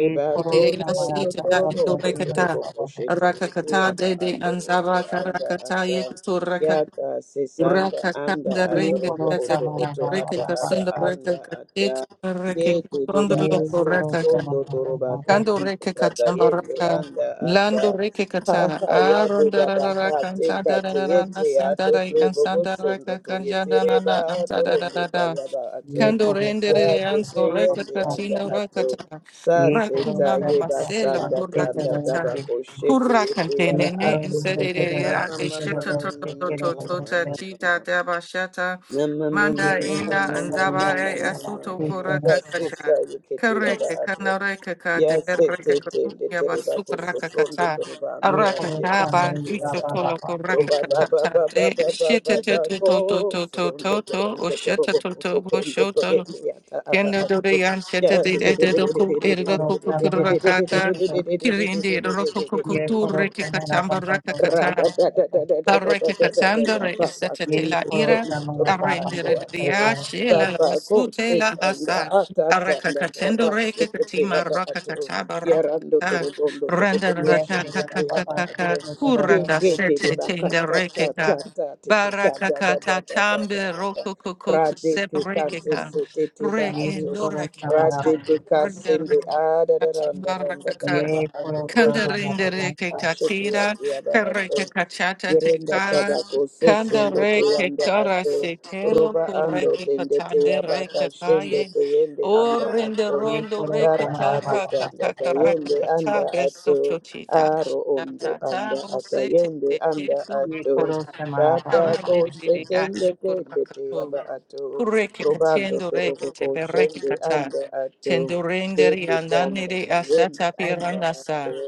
Speaker 2: ये करो
Speaker 1: Dedena
Speaker 3: toto
Speaker 2: समना
Speaker 1: sita
Speaker 2: सा
Speaker 1: ya
Speaker 2: सा
Speaker 3: totorobo
Speaker 2: सा से
Speaker 1: indoreke
Speaker 2: मन
Speaker 1: ta.
Speaker 3: totorobo
Speaker 2: पापा पा
Speaker 3: koshete
Speaker 2: पा
Speaker 1: Raka
Speaker 3: ete
Speaker 1: kata
Speaker 3: aba
Speaker 1: de de
Speaker 3: ato oto
Speaker 1: anzava
Speaker 3: anda
Speaker 1: karakata
Speaker 3: ata
Speaker 1: yet suraka.
Speaker 3: Yaka sisanda
Speaker 1: Raka
Speaker 3: anda
Speaker 1: kanda
Speaker 2: ये
Speaker 1: ringa
Speaker 3: atorobo
Speaker 2: करो
Speaker 1: tata.
Speaker 3: oto
Speaker 2: समना
Speaker 3: oto
Speaker 2: पापा
Speaker 1: Reke
Speaker 3: ata
Speaker 2: पा पा
Speaker 3: aba
Speaker 1: kasunda
Speaker 2: सा
Speaker 3: anda
Speaker 1: reke
Speaker 3: ata
Speaker 1: kate. Reke
Speaker 3: yeku debara
Speaker 2: ये
Speaker 3: so
Speaker 2: करो
Speaker 1: kasunda
Speaker 3: sondo
Speaker 2: समना
Speaker 3: toroba
Speaker 2: पापा पा
Speaker 1: Kando
Speaker 3: kondo
Speaker 2: C
Speaker 1: reke
Speaker 3: tata
Speaker 1: kata
Speaker 3: yende
Speaker 1: raka.
Speaker 3: anda ata
Speaker 1: Lando reke kata.
Speaker 3: haha ya
Speaker 1: Aronda
Speaker 3: beda
Speaker 1: rara
Speaker 3: baha
Speaker 1: kanta
Speaker 3: teka
Speaker 1: da da da
Speaker 3: teyete ato trobo go sondo to
Speaker 1: kanja da na
Speaker 3: yetereba
Speaker 1: na
Speaker 3: dorondo tayaba ato
Speaker 2: ये
Speaker 1: Kando
Speaker 2: करो
Speaker 3: ya
Speaker 2: समना
Speaker 1: rendere
Speaker 3: tete
Speaker 1: anso
Speaker 2: पापा
Speaker 3: yende
Speaker 2: पा पा
Speaker 3: anda
Speaker 1: rekatino
Speaker 3: ato
Speaker 1: rakata
Speaker 2: ये करो
Speaker 3: Saseta
Speaker 1: rakina
Speaker 2: से
Speaker 3: yeba
Speaker 2: पापा पा
Speaker 1: masela
Speaker 2: पा
Speaker 3: sanda
Speaker 2: से से
Speaker 3: tanda
Speaker 2: दर
Speaker 1: kurakata
Speaker 2: से
Speaker 3: tabako shete yete
Speaker 1: kurakante
Speaker 3: yara
Speaker 2: ये
Speaker 1: nene
Speaker 2: करो
Speaker 3: ato
Speaker 2: निंदा
Speaker 3: koto
Speaker 2: से
Speaker 1: insedere
Speaker 2: दर
Speaker 3: mama
Speaker 2: से
Speaker 3: mama
Speaker 2: से
Speaker 1: ishita
Speaker 2: दर
Speaker 1: to
Speaker 3: mama
Speaker 2: से
Speaker 1: to
Speaker 3: mama
Speaker 1: to to
Speaker 2: करो
Speaker 1: to
Speaker 3: mama mama
Speaker 1: tita daba shata
Speaker 3: mama mama
Speaker 2: ये
Speaker 1: manda
Speaker 3: mama mama mama mama
Speaker 1: ina
Speaker 2: खोरोस्ता
Speaker 3: mama
Speaker 2: माला
Speaker 1: andabare
Speaker 2: बाबा बाबा
Speaker 1: asuto
Speaker 2: से
Speaker 3: mama
Speaker 2: करो
Speaker 1: kurakata
Speaker 3: mama
Speaker 1: kareke
Speaker 3: mama mama
Speaker 1: kanareke kate
Speaker 3: Yes, it
Speaker 1: bereke
Speaker 3: did. The
Speaker 1: katuya
Speaker 3: Terribaco from
Speaker 1: basuka
Speaker 3: the Terribando
Speaker 2: ये
Speaker 3: at
Speaker 2: खोरोस्ता
Speaker 1: Arakataba,
Speaker 2: Mala
Speaker 3: the
Speaker 2: Baba
Speaker 3: Atta.
Speaker 1: Isotolo,
Speaker 2: बाबा से
Speaker 3: Roba
Speaker 2: करो
Speaker 3: Baba
Speaker 1: Rakatata,
Speaker 3: Baba Baba
Speaker 1: Shita
Speaker 3: Baba
Speaker 1: Toto Toto Toto
Speaker 3: from the
Speaker 1: Toto, or
Speaker 3: Toronto, the
Speaker 1: Shata Toto,
Speaker 3: Robocoto, the
Speaker 1: Boshoto,
Speaker 3: Pagetiata Ava.
Speaker 1: Kendo Dorean, Sheta
Speaker 3: Yeah,
Speaker 1: de
Speaker 3: the
Speaker 1: Edoku,
Speaker 2: ये
Speaker 1: Edoku
Speaker 2: खोरोस्ता माला बाबा से
Speaker 1: Kurakata,
Speaker 2: करो
Speaker 1: Kirindi,
Speaker 2: ये
Speaker 1: Rokokutu,
Speaker 2: खोरोस्ता माला
Speaker 1: Rekatamba,
Speaker 2: बाबा बाबा
Speaker 3: Rada
Speaker 2: बाबा
Speaker 1: Rakakata.
Speaker 2: से करो
Speaker 1: Parreke katandere
Speaker 3: Papa
Speaker 1: esete
Speaker 2: ये
Speaker 3: Coach
Speaker 1: tela
Speaker 3: from
Speaker 1: ira.
Speaker 2: खोरोस्ता Mala Baba
Speaker 1: Arrendere
Speaker 2: Baba
Speaker 3: the
Speaker 2: से
Speaker 3: Toronto,
Speaker 1: dia
Speaker 2: करो
Speaker 1: shela la
Speaker 3: Papa, go
Speaker 1: sute
Speaker 3: Sit
Speaker 1: la asa.
Speaker 3: Papago
Speaker 1: Araka
Speaker 3: Sitanda the
Speaker 1: katendo reke katima
Speaker 3: Rasikitiaba
Speaker 1: raka
Speaker 3: Atu
Speaker 1: kataba raka
Speaker 3: Yarando
Speaker 1: kata.
Speaker 3: Torogondo
Speaker 1: Renda
Speaker 2: ये
Speaker 1: raka
Speaker 2: से
Speaker 3: Torogondo
Speaker 2: बड़ा
Speaker 1: kaka kaka
Speaker 3: Tiaba
Speaker 2: बाबा से
Speaker 1: kaka.
Speaker 3: Atu
Speaker 2: करो
Speaker 1: Kuranda
Speaker 2: से
Speaker 3: Kiki
Speaker 1: sete
Speaker 2: करो
Speaker 3: Biba
Speaker 1: tenda reke
Speaker 3: Kata
Speaker 1: ka.
Speaker 3: Tata Titi
Speaker 1: Baraka
Speaker 3: Kada Da Da
Speaker 1: kata
Speaker 3: Da Da Da
Speaker 1: tambe
Speaker 3: Da Da
Speaker 1: roko koko
Speaker 3: Radi
Speaker 1: sep reke
Speaker 3: Tikasi
Speaker 1: ka.
Speaker 3: Sititiba
Speaker 1: Reke
Speaker 2: ये
Speaker 3: Atu
Speaker 1: ndoreke
Speaker 2: खोरोस्ता माला
Speaker 3: Radi
Speaker 1: katali. Renda
Speaker 3: Tikasindi
Speaker 1: reke
Speaker 3: Ada Randa
Speaker 1: katima
Speaker 3: Randa Taraba
Speaker 2: ये
Speaker 3: Atu
Speaker 2: खोरोस्ता
Speaker 3: Roto
Speaker 2: माला
Speaker 3: Toro
Speaker 2: बाबा
Speaker 1: Kandarindere ke
Speaker 2: से
Speaker 1: katira,
Speaker 3: Shitiaba
Speaker 1: kareke
Speaker 3: Atu
Speaker 1: kachata te
Speaker 3: Yerenda
Speaker 1: kara,
Speaker 3: tabako sesende te
Speaker 1: kandare ke
Speaker 3: yanda
Speaker 1: kara
Speaker 3: ato.
Speaker 1: se telo,
Speaker 3: Roba ando
Speaker 1: kureke
Speaker 3: tende te
Speaker 1: katandere
Speaker 3: yabaka
Speaker 1: ke
Speaker 3: shende
Speaker 1: kaye,
Speaker 3: te yende
Speaker 1: o
Speaker 3: anda
Speaker 1: rinde
Speaker 3: ato.
Speaker 2: ये
Speaker 1: rondo reke
Speaker 2: खोरोस्ता
Speaker 3: Tara
Speaker 2: माला
Speaker 3: ato
Speaker 1: chara,
Speaker 2: बाबा बाबा
Speaker 3: tanda ta
Speaker 2: से
Speaker 1: kakakara
Speaker 3: yende anda
Speaker 1: kakacha, beso
Speaker 3: ato.
Speaker 1: chochi dachi,
Speaker 3: Aro ondo
Speaker 1: tata
Speaker 3: anda
Speaker 1: bo
Speaker 3: ata
Speaker 1: se te
Speaker 3: yende
Speaker 1: te te
Speaker 3: anda
Speaker 2: ये
Speaker 3: ato.
Speaker 1: kurakata,
Speaker 2: खोरोस्ता माला बाबा
Speaker 3: Tabako
Speaker 2: बाबा
Speaker 1: arendere de
Speaker 2: से
Speaker 1: de
Speaker 3: setende
Speaker 1: achu
Speaker 3: tende te
Speaker 1: kurakako,
Speaker 3: yaba ato.
Speaker 1: kureke
Speaker 3: Roba ando
Speaker 1: katendo
Speaker 3: torobo
Speaker 1: reke
Speaker 3: ko
Speaker 1: te bereke
Speaker 3: shende
Speaker 1: kata,
Speaker 3: anda ato.
Speaker 1: tendo rendere
Speaker 3: Tete tanda
Speaker 1: andanere
Speaker 3: ta yende
Speaker 1: asata
Speaker 3: anda
Speaker 1: piranasa,
Speaker 3: ato.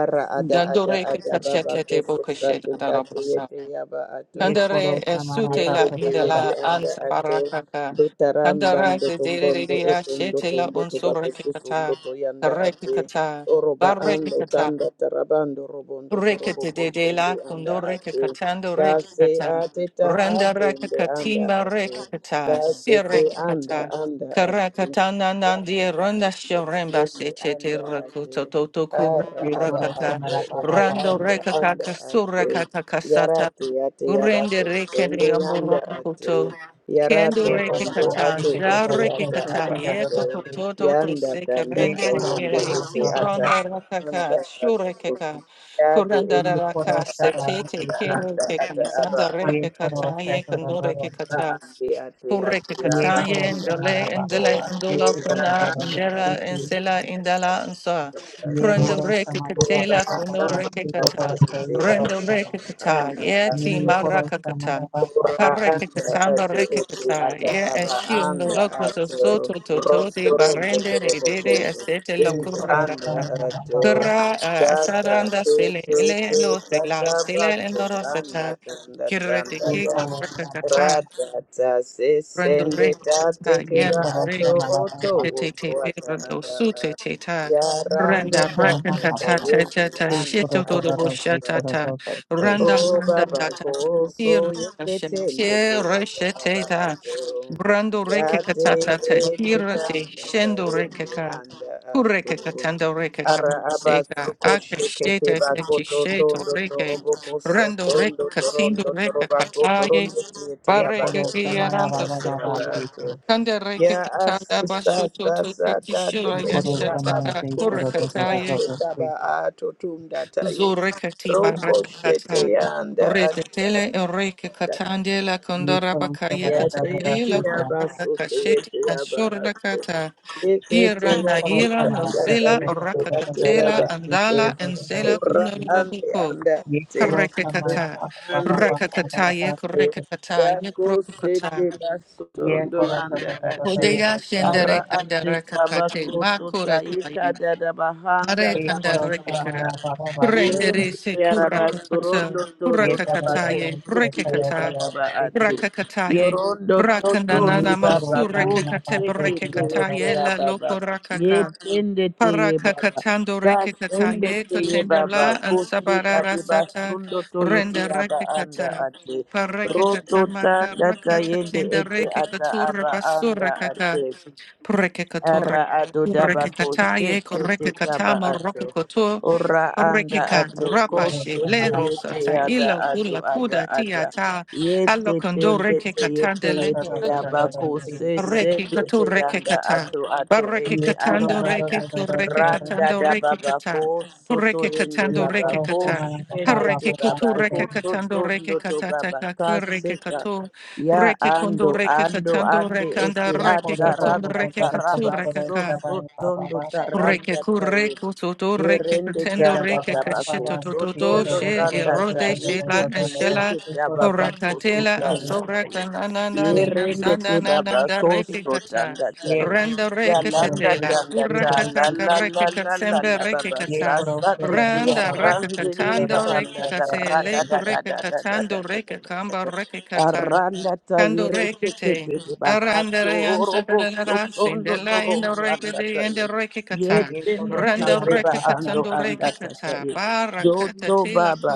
Speaker 3: Ara ada ada
Speaker 1: Dandore ke
Speaker 3: ada baba
Speaker 1: kachete de
Speaker 3: kusu
Speaker 1: bokeshe
Speaker 3: sati
Speaker 1: da da
Speaker 3: kati
Speaker 1: rabosa.
Speaker 3: yete yaba ato.
Speaker 2: ये खोरो
Speaker 1: Kandare
Speaker 2: समाना
Speaker 1: esute
Speaker 2: था
Speaker 1: la
Speaker 3: Yende
Speaker 2: से
Speaker 3: te
Speaker 2: दादा
Speaker 3: yende
Speaker 1: indala
Speaker 3: anda
Speaker 1: ansa
Speaker 3: ato
Speaker 1: barakaka.
Speaker 3: dotaramba
Speaker 1: Kandara
Speaker 3: ndo
Speaker 1: de
Speaker 3: tombondo
Speaker 1: dereria
Speaker 3: otondo
Speaker 1: shete la
Speaker 3: tondo tobako
Speaker 1: unsure ke
Speaker 3: susundo
Speaker 1: kata.
Speaker 3: to yanda
Speaker 1: Tareke
Speaker 3: ate
Speaker 1: kata.
Speaker 3: oroba ando
Speaker 1: Bareke
Speaker 3: tanda tarabando robondo torobo
Speaker 1: Rekete de de
Speaker 3: koshende
Speaker 1: la
Speaker 3: anda
Speaker 1: kundo reke
Speaker 3: ate
Speaker 1: katando reke
Speaker 3: kase
Speaker 1: kata.
Speaker 3: ateta
Speaker 1: Randa reke
Speaker 3: atende anda
Speaker 1: katima
Speaker 3: ate
Speaker 1: reke kata.
Speaker 3: kase
Speaker 1: Sia
Speaker 3: se
Speaker 1: reke
Speaker 3: anda
Speaker 1: kata.
Speaker 3: anda ate
Speaker 1: Karakatana nandi
Speaker 3: yata
Speaker 1: randa
Speaker 3: bakende
Speaker 1: shoremba
Speaker 3: yende
Speaker 1: sechete
Speaker 3: anda ate
Speaker 1: rakuto toto kura
Speaker 3: ara
Speaker 2: ये
Speaker 3: aba
Speaker 2: खोरो से
Speaker 1: rakaka.
Speaker 3: ato
Speaker 2: मेरा पापा
Speaker 3: oto
Speaker 2: पापा
Speaker 1: Rando
Speaker 3: anda
Speaker 1: reke
Speaker 3: anda
Speaker 1: kaka sura
Speaker 3: ate
Speaker 1: kata
Speaker 3: Yarate ate
Speaker 1: Urende
Speaker 3: yabako
Speaker 1: reke
Speaker 3: sende
Speaker 1: de
Speaker 3: yanda
Speaker 1: amboro
Speaker 3: ate
Speaker 1: koto. Kendo
Speaker 3: yarato
Speaker 2: ये
Speaker 1: reke
Speaker 2: पापा
Speaker 3: ondo
Speaker 2: पापा से
Speaker 3: ate
Speaker 1: katan,
Speaker 2: से
Speaker 1: da
Speaker 2: दादा
Speaker 3: ete
Speaker 1: reke
Speaker 2: रोबो
Speaker 3: ata
Speaker 2: से
Speaker 1: katan,
Speaker 3: aba
Speaker 2: से
Speaker 1: ye
Speaker 2: दादा
Speaker 3: ate
Speaker 2: रोग
Speaker 1: koto
Speaker 2: से
Speaker 1: to to to
Speaker 3: yanda
Speaker 1: se
Speaker 3: tanda
Speaker 2: ये
Speaker 1: kerende
Speaker 2: खोरो
Speaker 3: tayende
Speaker 2: से
Speaker 1: reke,
Speaker 2: मेरा
Speaker 3: ete
Speaker 1: si
Speaker 2: पापा
Speaker 3: ata
Speaker 2: है
Speaker 1: bronda
Speaker 3: anda
Speaker 1: rakaka, shure
Speaker 3: ato
Speaker 1: keka,
Speaker 3: yade
Speaker 1: kuranda
Speaker 2: ये
Speaker 3: ete
Speaker 2: खोरो
Speaker 1: raka,
Speaker 2: से
Speaker 1: se
Speaker 3: aba
Speaker 1: te
Speaker 2: बाया
Speaker 1: te
Speaker 2: से से
Speaker 1: kere
Speaker 3: anda anda ata
Speaker 1: kekan,
Speaker 3: aba
Speaker 1: sanda
Speaker 2: ये
Speaker 1: reke
Speaker 2: खोरो
Speaker 1: katan,
Speaker 2: से
Speaker 1: ye
Speaker 2: तो
Speaker 1: kendo
Speaker 2: दादा
Speaker 1: reke
Speaker 2: रोग से
Speaker 3: anda
Speaker 1: katan.
Speaker 3: ate ate
Speaker 1: Purreke
Speaker 3: ate
Speaker 2: ये
Speaker 3: aba
Speaker 2: खोरो
Speaker 1: kataya
Speaker 3: anda
Speaker 2: से मेरा
Speaker 1: ndole
Speaker 2: पापा
Speaker 1: ndele
Speaker 2: पापा
Speaker 3: ato
Speaker 2: से
Speaker 1: ndola
Speaker 2: से
Speaker 3: ora
Speaker 1: kuna
Speaker 2: दादा
Speaker 3: anda
Speaker 2: रोबो
Speaker 3: ate ate ora anda ate
Speaker 2: से
Speaker 1: ndera
Speaker 2: से
Speaker 1: ensela indala nsa.
Speaker 2: ये
Speaker 1: Prendo
Speaker 2: खोरो से
Speaker 1: reke
Speaker 2: मेरा पापा
Speaker 1: katela
Speaker 2: पापा
Speaker 1: kuno
Speaker 2: पापा
Speaker 1: reke
Speaker 2: से से दादा
Speaker 1: kata.
Speaker 2: रोग से ये
Speaker 3: ete
Speaker 2: खोरो
Speaker 3: ate
Speaker 1: Rendo
Speaker 2: पापा
Speaker 1: rekata,
Speaker 3: anda
Speaker 1: ye ti
Speaker 3: ato
Speaker 2: ये खोरो से मेरा
Speaker 1: marakakata.
Speaker 2: पापा पापा
Speaker 3: Ora
Speaker 2: से से
Speaker 3: andra
Speaker 1: Parekatamba
Speaker 3: atu ete
Speaker 1: rekata,
Speaker 3: ata
Speaker 1: ye
Speaker 3: aba
Speaker 1: ashil no
Speaker 3: andra
Speaker 1: lokato
Speaker 3: atu
Speaker 1: soto toto
Speaker 3: rosso
Speaker 1: de
Speaker 3: rondo
Speaker 1: barende re
Speaker 3: robo
Speaker 1: dede
Speaker 3: kondo
Speaker 1: asete
Speaker 2: ये
Speaker 3: yende
Speaker 2: खोरो से
Speaker 3: andra
Speaker 1: lokurakata.
Speaker 2: मेरा
Speaker 3: ato
Speaker 2: पापा पापा
Speaker 1: Kara ah,
Speaker 3: data
Speaker 1: asaranda
Speaker 3: te
Speaker 1: sele
Speaker 3: te
Speaker 1: ile
Speaker 3: te
Speaker 1: lo
Speaker 3: tata
Speaker 1: sela sele le
Speaker 3: baso tanda
Speaker 1: norosata.
Speaker 3: tanda
Speaker 1: Kirete
Speaker 3: tanda
Speaker 2: ये
Speaker 1: ki
Speaker 3: ya
Speaker 2: खोरो से
Speaker 1: rakata.
Speaker 3: rata ta se
Speaker 1: Rando
Speaker 3: sende
Speaker 1: reke
Speaker 3: tate
Speaker 1: ta
Speaker 2: एक
Speaker 3: kira
Speaker 1: yanda
Speaker 3: atu
Speaker 2: करोता
Speaker 1: reke
Speaker 2: मारा
Speaker 3: oto
Speaker 2: Baba
Speaker 1: te te
Speaker 3: oto
Speaker 1: te te
Speaker 3: ata
Speaker 1: rando
Speaker 3: aba
Speaker 1: su
Speaker 3: a.
Speaker 1: te te ta
Speaker 3: ya randa
Speaker 1: randa
Speaker 2: करोता
Speaker 1: raka
Speaker 2: मारा
Speaker 3: tata
Speaker 1: ka
Speaker 3: ta
Speaker 2: बाबा
Speaker 1: ta ta
Speaker 2: बाबा
Speaker 3: yende
Speaker 1: ta ta
Speaker 2: ठीक
Speaker 3: andra
Speaker 2: करो
Speaker 1: shito to
Speaker 2: तो
Speaker 1: do
Speaker 2: तो
Speaker 3: ata
Speaker 1: bo
Speaker 2: तो
Speaker 1: sha
Speaker 2: ठीक
Speaker 3: aba
Speaker 1: ta
Speaker 2: करो
Speaker 1: ta
Speaker 2: तो तो ठीक
Speaker 1: randa
Speaker 3: Oh,
Speaker 1: randa
Speaker 3: Baba,
Speaker 1: da ta ta
Speaker 3: go
Speaker 1: ti
Speaker 3: so you
Speaker 1: randa
Speaker 3: get
Speaker 1: shem
Speaker 3: in the day
Speaker 1: te re she
Speaker 3: of
Speaker 1: te
Speaker 3: Baba
Speaker 1: ta
Speaker 3: Ato.
Speaker 1: brando reke
Speaker 3: That
Speaker 1: ka ta
Speaker 3: day
Speaker 1: ta ta
Speaker 3: it
Speaker 1: ti
Speaker 3: is
Speaker 1: ra te
Speaker 3: that I
Speaker 1: shendo
Speaker 3: in
Speaker 1: reke
Speaker 3: the
Speaker 1: ka
Speaker 3: under
Speaker 1: kureke ka
Speaker 3: Ato.
Speaker 1: tando reke ka
Speaker 3: Ara
Speaker 1: se
Speaker 3: abasu
Speaker 1: ka ake
Speaker 3: koshu
Speaker 1: she
Speaker 3: kete
Speaker 1: te pe
Speaker 3: bako
Speaker 1: chi
Speaker 3: to
Speaker 1: she to
Speaker 3: tondo
Speaker 1: reke
Speaker 3: torobo koso
Speaker 1: rando reke
Speaker 3: tondo
Speaker 1: ka tindo
Speaker 3: torondo
Speaker 1: reke
Speaker 3: toroba ko
Speaker 1: ka
Speaker 3: torondo tiete
Speaker 2: एक
Speaker 1: Bareke
Speaker 3: abako to
Speaker 2: करोता मारा
Speaker 3: ite
Speaker 1: Yaranta
Speaker 2: बाबा
Speaker 3: ate
Speaker 2: बाबा
Speaker 1: Sokoli.
Speaker 2: ठीक
Speaker 3: abato.
Speaker 2: है
Speaker 1: Kanda Reke
Speaker 3: Ya
Speaker 1: Tata
Speaker 3: asisa
Speaker 1: Bashoto to
Speaker 3: sasa tate
Speaker 2: एक
Speaker 1: Kirkishira
Speaker 3: kete ya
Speaker 2: करोता मारा
Speaker 3: baba
Speaker 1: Yashataka
Speaker 2: ठीक करो
Speaker 3: kuse
Speaker 2: तो तो तो
Speaker 1: Kurakataye
Speaker 3: sate
Speaker 2: तो ठीक
Speaker 3: taba ato tunda taye.
Speaker 1: Zurekati
Speaker 3: Roko
Speaker 1: Barakata.
Speaker 3: shete ya anda anda
Speaker 1: Retetele Ereke Katandela
Speaker 2: एक
Speaker 1: Kondora
Speaker 2: करोता
Speaker 1: Bakaye
Speaker 3: Ya
Speaker 2: बाबा
Speaker 3: te
Speaker 2: बाबा
Speaker 1: Katatela
Speaker 3: ya
Speaker 2: जैसा
Speaker 1: Kuraka
Speaker 3: baso te
Speaker 1: Kasheti
Speaker 3: ya ba
Speaker 1: Ashura
Speaker 3: ato.
Speaker 1: Kata.
Speaker 3: Ye kete
Speaker 1: Ira
Speaker 2: एक
Speaker 3: ya te
Speaker 2: करोता
Speaker 1: Naira
Speaker 2: मारा
Speaker 3: anda
Speaker 2: जैसा
Speaker 1: Nosela
Speaker 3: taye
Speaker 2: तो तो
Speaker 3: te
Speaker 1: Oraka
Speaker 2: तो
Speaker 3: ya
Speaker 2: तो
Speaker 3: te ya
Speaker 2: तो
Speaker 1: Katela
Speaker 3: ba
Speaker 2: रंग ठीक
Speaker 1: Andala
Speaker 2: इधर
Speaker 3: ato.
Speaker 2: तो
Speaker 1: and
Speaker 2: तो तो
Speaker 1: Zela
Speaker 3: Ora
Speaker 2: ठीक
Speaker 3: ande
Speaker 1: Kunarabiko.
Speaker 3: anda
Speaker 2: एक
Speaker 3: ate.
Speaker 2: करोता मारा
Speaker 1: Parekekata,
Speaker 2: बाबा
Speaker 3: Ora
Speaker 2: बाबा
Speaker 1: Rakakataye,
Speaker 2: बाबा ठीक
Speaker 1: Kurekakataye,
Speaker 3: Dako
Speaker 1: Prokukata.
Speaker 3: sete
Speaker 2: ये
Speaker 3: basondo anda ate
Speaker 1: Hodea
Speaker 3: ara
Speaker 1: shendere
Speaker 3: ate
Speaker 1: kandara kakate
Speaker 3: tabako
Speaker 1: ma
Speaker 3: tuta
Speaker 1: kura
Speaker 3: ika
Speaker 1: kaye.
Speaker 3: dada bahanda
Speaker 1: Pare
Speaker 3: yanda
Speaker 1: kandara gekara.
Speaker 3: tabaha
Speaker 2: करोता
Speaker 1: Kurendere
Speaker 3: Yendo
Speaker 1: se kura kakata.
Speaker 3: yarabasorondo
Speaker 1: Kura
Speaker 3: todo
Speaker 2: ये तरह
Speaker 3: babako
Speaker 2: दादा
Speaker 1: kakataye.
Speaker 2: तो
Speaker 3: sete
Speaker 1: Reke
Speaker 2: तरह
Speaker 3: yete
Speaker 1: kata.
Speaker 2: दादा
Speaker 3: yaba
Speaker 2: से तो
Speaker 1: Kura
Speaker 3: ate.
Speaker 1: kakataye.
Speaker 3: Yorondo toto di
Speaker 1: Rakandanana
Speaker 2: ये कोरोना
Speaker 1: mosure
Speaker 3: babako
Speaker 2: मना
Speaker 1: kakate
Speaker 2: पास से
Speaker 3: sete
Speaker 2: तो
Speaker 1: breke
Speaker 3: te
Speaker 2: दादा
Speaker 3: yete
Speaker 1: kataye
Speaker 2: दादा
Speaker 1: la
Speaker 3: yaba ba.
Speaker 1: loko rakaka.
Speaker 3: Yetende te ye
Speaker 1: Paraka
Speaker 3: baba.
Speaker 1: katando reke
Speaker 3: Kasende
Speaker 1: kataye.
Speaker 3: te ye
Speaker 1: Katenda
Speaker 3: baba.
Speaker 1: la and
Speaker 3: Kose
Speaker 1: sabara
Speaker 3: kade
Speaker 1: rasata.
Speaker 3: basundo to yete
Speaker 1: Rende
Speaker 3: yaba
Speaker 1: reke
Speaker 3: anda
Speaker 1: kata.
Speaker 3: ate.
Speaker 1: Pareke
Speaker 3: Roto
Speaker 1: katamaka
Speaker 3: tanda
Speaker 1: raka
Speaker 3: tayende
Speaker 1: katenda
Speaker 3: ete
Speaker 1: reke
Speaker 3: ata
Speaker 1: katura
Speaker 3: aba anda
Speaker 1: basura kaka.
Speaker 3: ate.
Speaker 1: Prekekatura,
Speaker 3: Ara adodabako
Speaker 1: rekekataye,
Speaker 3: sete te taba
Speaker 1: korekekatama,
Speaker 3: ate.
Speaker 1: rokokoto,
Speaker 3: Ora anda
Speaker 1: korekeka,
Speaker 3: ato ko
Speaker 2: और
Speaker 1: rapashe,
Speaker 3: sete
Speaker 2: हमारा
Speaker 1: lero,
Speaker 2: पापा
Speaker 3: yete
Speaker 1: sata,
Speaker 2: पापा
Speaker 3: yada
Speaker 1: ilo,
Speaker 3: ado
Speaker 1: ula,
Speaker 3: ada
Speaker 1: kuda,
Speaker 3: ada
Speaker 1: tiata,
Speaker 3: yete
Speaker 1: alokondo,
Speaker 3: tende te yete
Speaker 1: rekekatande,
Speaker 2: दादा
Speaker 3: yete
Speaker 2: दादा दादा दादा
Speaker 3: yabako
Speaker 2: से
Speaker 3: se
Speaker 2: तो दादा
Speaker 1: Reki
Speaker 3: sende
Speaker 2: से
Speaker 1: katu
Speaker 3: te
Speaker 1: reke
Speaker 3: yanda
Speaker 1: kata.
Speaker 3: ato ato
Speaker 1: Bareke
Speaker 3: ete
Speaker 2: ये
Speaker 3: ada
Speaker 1: katando
Speaker 2: कोरोना दादा
Speaker 3: ada
Speaker 1: reke
Speaker 2: दादा दादा
Speaker 1: kureke
Speaker 2: दादा
Speaker 3: randa
Speaker 1: katando
Speaker 3: da
Speaker 2: दादा
Speaker 1: reke
Speaker 3: babako
Speaker 1: kata.
Speaker 3: soto
Speaker 1: Kureke
Speaker 3: yende
Speaker 2: ये
Speaker 1: katando reke
Speaker 3: babako
Speaker 2: कोरोना
Speaker 1: kata.
Speaker 2: मना पापा
Speaker 3: shende te
Speaker 1: Hareke
Speaker 2: पापा पास
Speaker 1: kutu
Speaker 2: से
Speaker 3: babako
Speaker 1: reke
Speaker 2: दादा
Speaker 1: katando
Speaker 3: toto
Speaker 1: reke
Speaker 3: ndoto
Speaker 1: katata
Speaker 3: babaka
Speaker 1: kakureke
Speaker 3: seka
Speaker 1: katu.
Speaker 3: ya
Speaker 1: Reke kondo
Speaker 3: ando
Speaker 1: reke
Speaker 3: ando
Speaker 1: katando
Speaker 3: ande ete
Speaker 1: rekanda
Speaker 2: ये
Speaker 1: reke
Speaker 2: कोरो
Speaker 1: katundo
Speaker 2: कोरो
Speaker 3: ataranda
Speaker 1: reke
Speaker 2: कोरो
Speaker 1: katu
Speaker 2: कोरो
Speaker 3: taraba
Speaker 2: कोरो
Speaker 3: so
Speaker 1: rekaka.
Speaker 3: so
Speaker 2: पापा पापा
Speaker 3: tondo
Speaker 2: पापा से
Speaker 1: Reke
Speaker 3: taranda tayo
Speaker 1: kureko toto reke
Speaker 3: Yerende
Speaker 2: ये
Speaker 1: katendo
Speaker 3: tanda
Speaker 2: दादा
Speaker 1: reke
Speaker 2: पापा
Speaker 3: tabako
Speaker 1: kachito
Speaker 2: पापा
Speaker 1: toto
Speaker 2: ये
Speaker 1: do
Speaker 2: दादा
Speaker 3: sotondo
Speaker 2: दादा
Speaker 1: she
Speaker 3: tanda
Speaker 2: दादा
Speaker 3: ta
Speaker 1: erode
Speaker 2: दादा
Speaker 1: she la
Speaker 3: yekete
Speaker 1: and
Speaker 2: दादा दादा
Speaker 1: shela
Speaker 2: से
Speaker 3: yekete
Speaker 2: कोरो
Speaker 3: ababako
Speaker 2: से
Speaker 1: orakatela and
Speaker 3: sotanda
Speaker 1: sora
Speaker 3: ta ye.
Speaker 1: kanana
Speaker 2: से
Speaker 1: nani and
Speaker 3: Yerende te
Speaker 1: sanda nananda
Speaker 3: babako
Speaker 1: reke kata
Speaker 3: sotanda ta
Speaker 2: ये
Speaker 3: ye.
Speaker 1: randa reke
Speaker 2: करो
Speaker 3: Yalanda
Speaker 2: तो
Speaker 1: tetela
Speaker 3: tanda
Speaker 2: ये
Speaker 3: ta
Speaker 2: तो
Speaker 3: la
Speaker 1: kurakata
Speaker 2: रखो
Speaker 3: la la
Speaker 1: kareke
Speaker 3: la la
Speaker 1: katsembe
Speaker 3: la
Speaker 1: reke
Speaker 3: baba
Speaker 2: ये
Speaker 3: sa
Speaker 1: kata
Speaker 2: करो
Speaker 3: sa
Speaker 2: से
Speaker 3: te te
Speaker 2: मेरा
Speaker 3: ya
Speaker 1: randa
Speaker 2: पापा पापा
Speaker 1: reke
Speaker 2: ये तो
Speaker 3: diri
Speaker 2: करो
Speaker 1: katando
Speaker 2: तो
Speaker 3: baranda
Speaker 1: reke
Speaker 2: से
Speaker 3: ta
Speaker 2: मेरा
Speaker 1: katse
Speaker 3: ra da
Speaker 1: leko
Speaker 3: da
Speaker 2: दोस्ता
Speaker 3: da
Speaker 1: reke
Speaker 3: da da da da
Speaker 1: katando
Speaker 3: da da.
Speaker 1: reke kamba reke kata
Speaker 3: Aranda ta
Speaker 1: Kando
Speaker 3: yere te te
Speaker 1: rekete.
Speaker 3: te bahato
Speaker 1: Arandere
Speaker 3: robo
Speaker 1: ansadarara
Speaker 3: sotondo
Speaker 1: sindela indo
Speaker 3: toromanda
Speaker 1: rekete
Speaker 3: ta ye.
Speaker 1: indo rekekata.
Speaker 2: ये
Speaker 3: Yetende
Speaker 2: करो
Speaker 1: Randa
Speaker 2: समाना
Speaker 3: tereba
Speaker 2: पापा
Speaker 3: ando
Speaker 1: rekekatando
Speaker 2: पापा
Speaker 3: anda
Speaker 2: पापा
Speaker 1: rekekata.
Speaker 3: tataye.
Speaker 1: Barakata
Speaker 3: Doto
Speaker 1: tila
Speaker 3: baba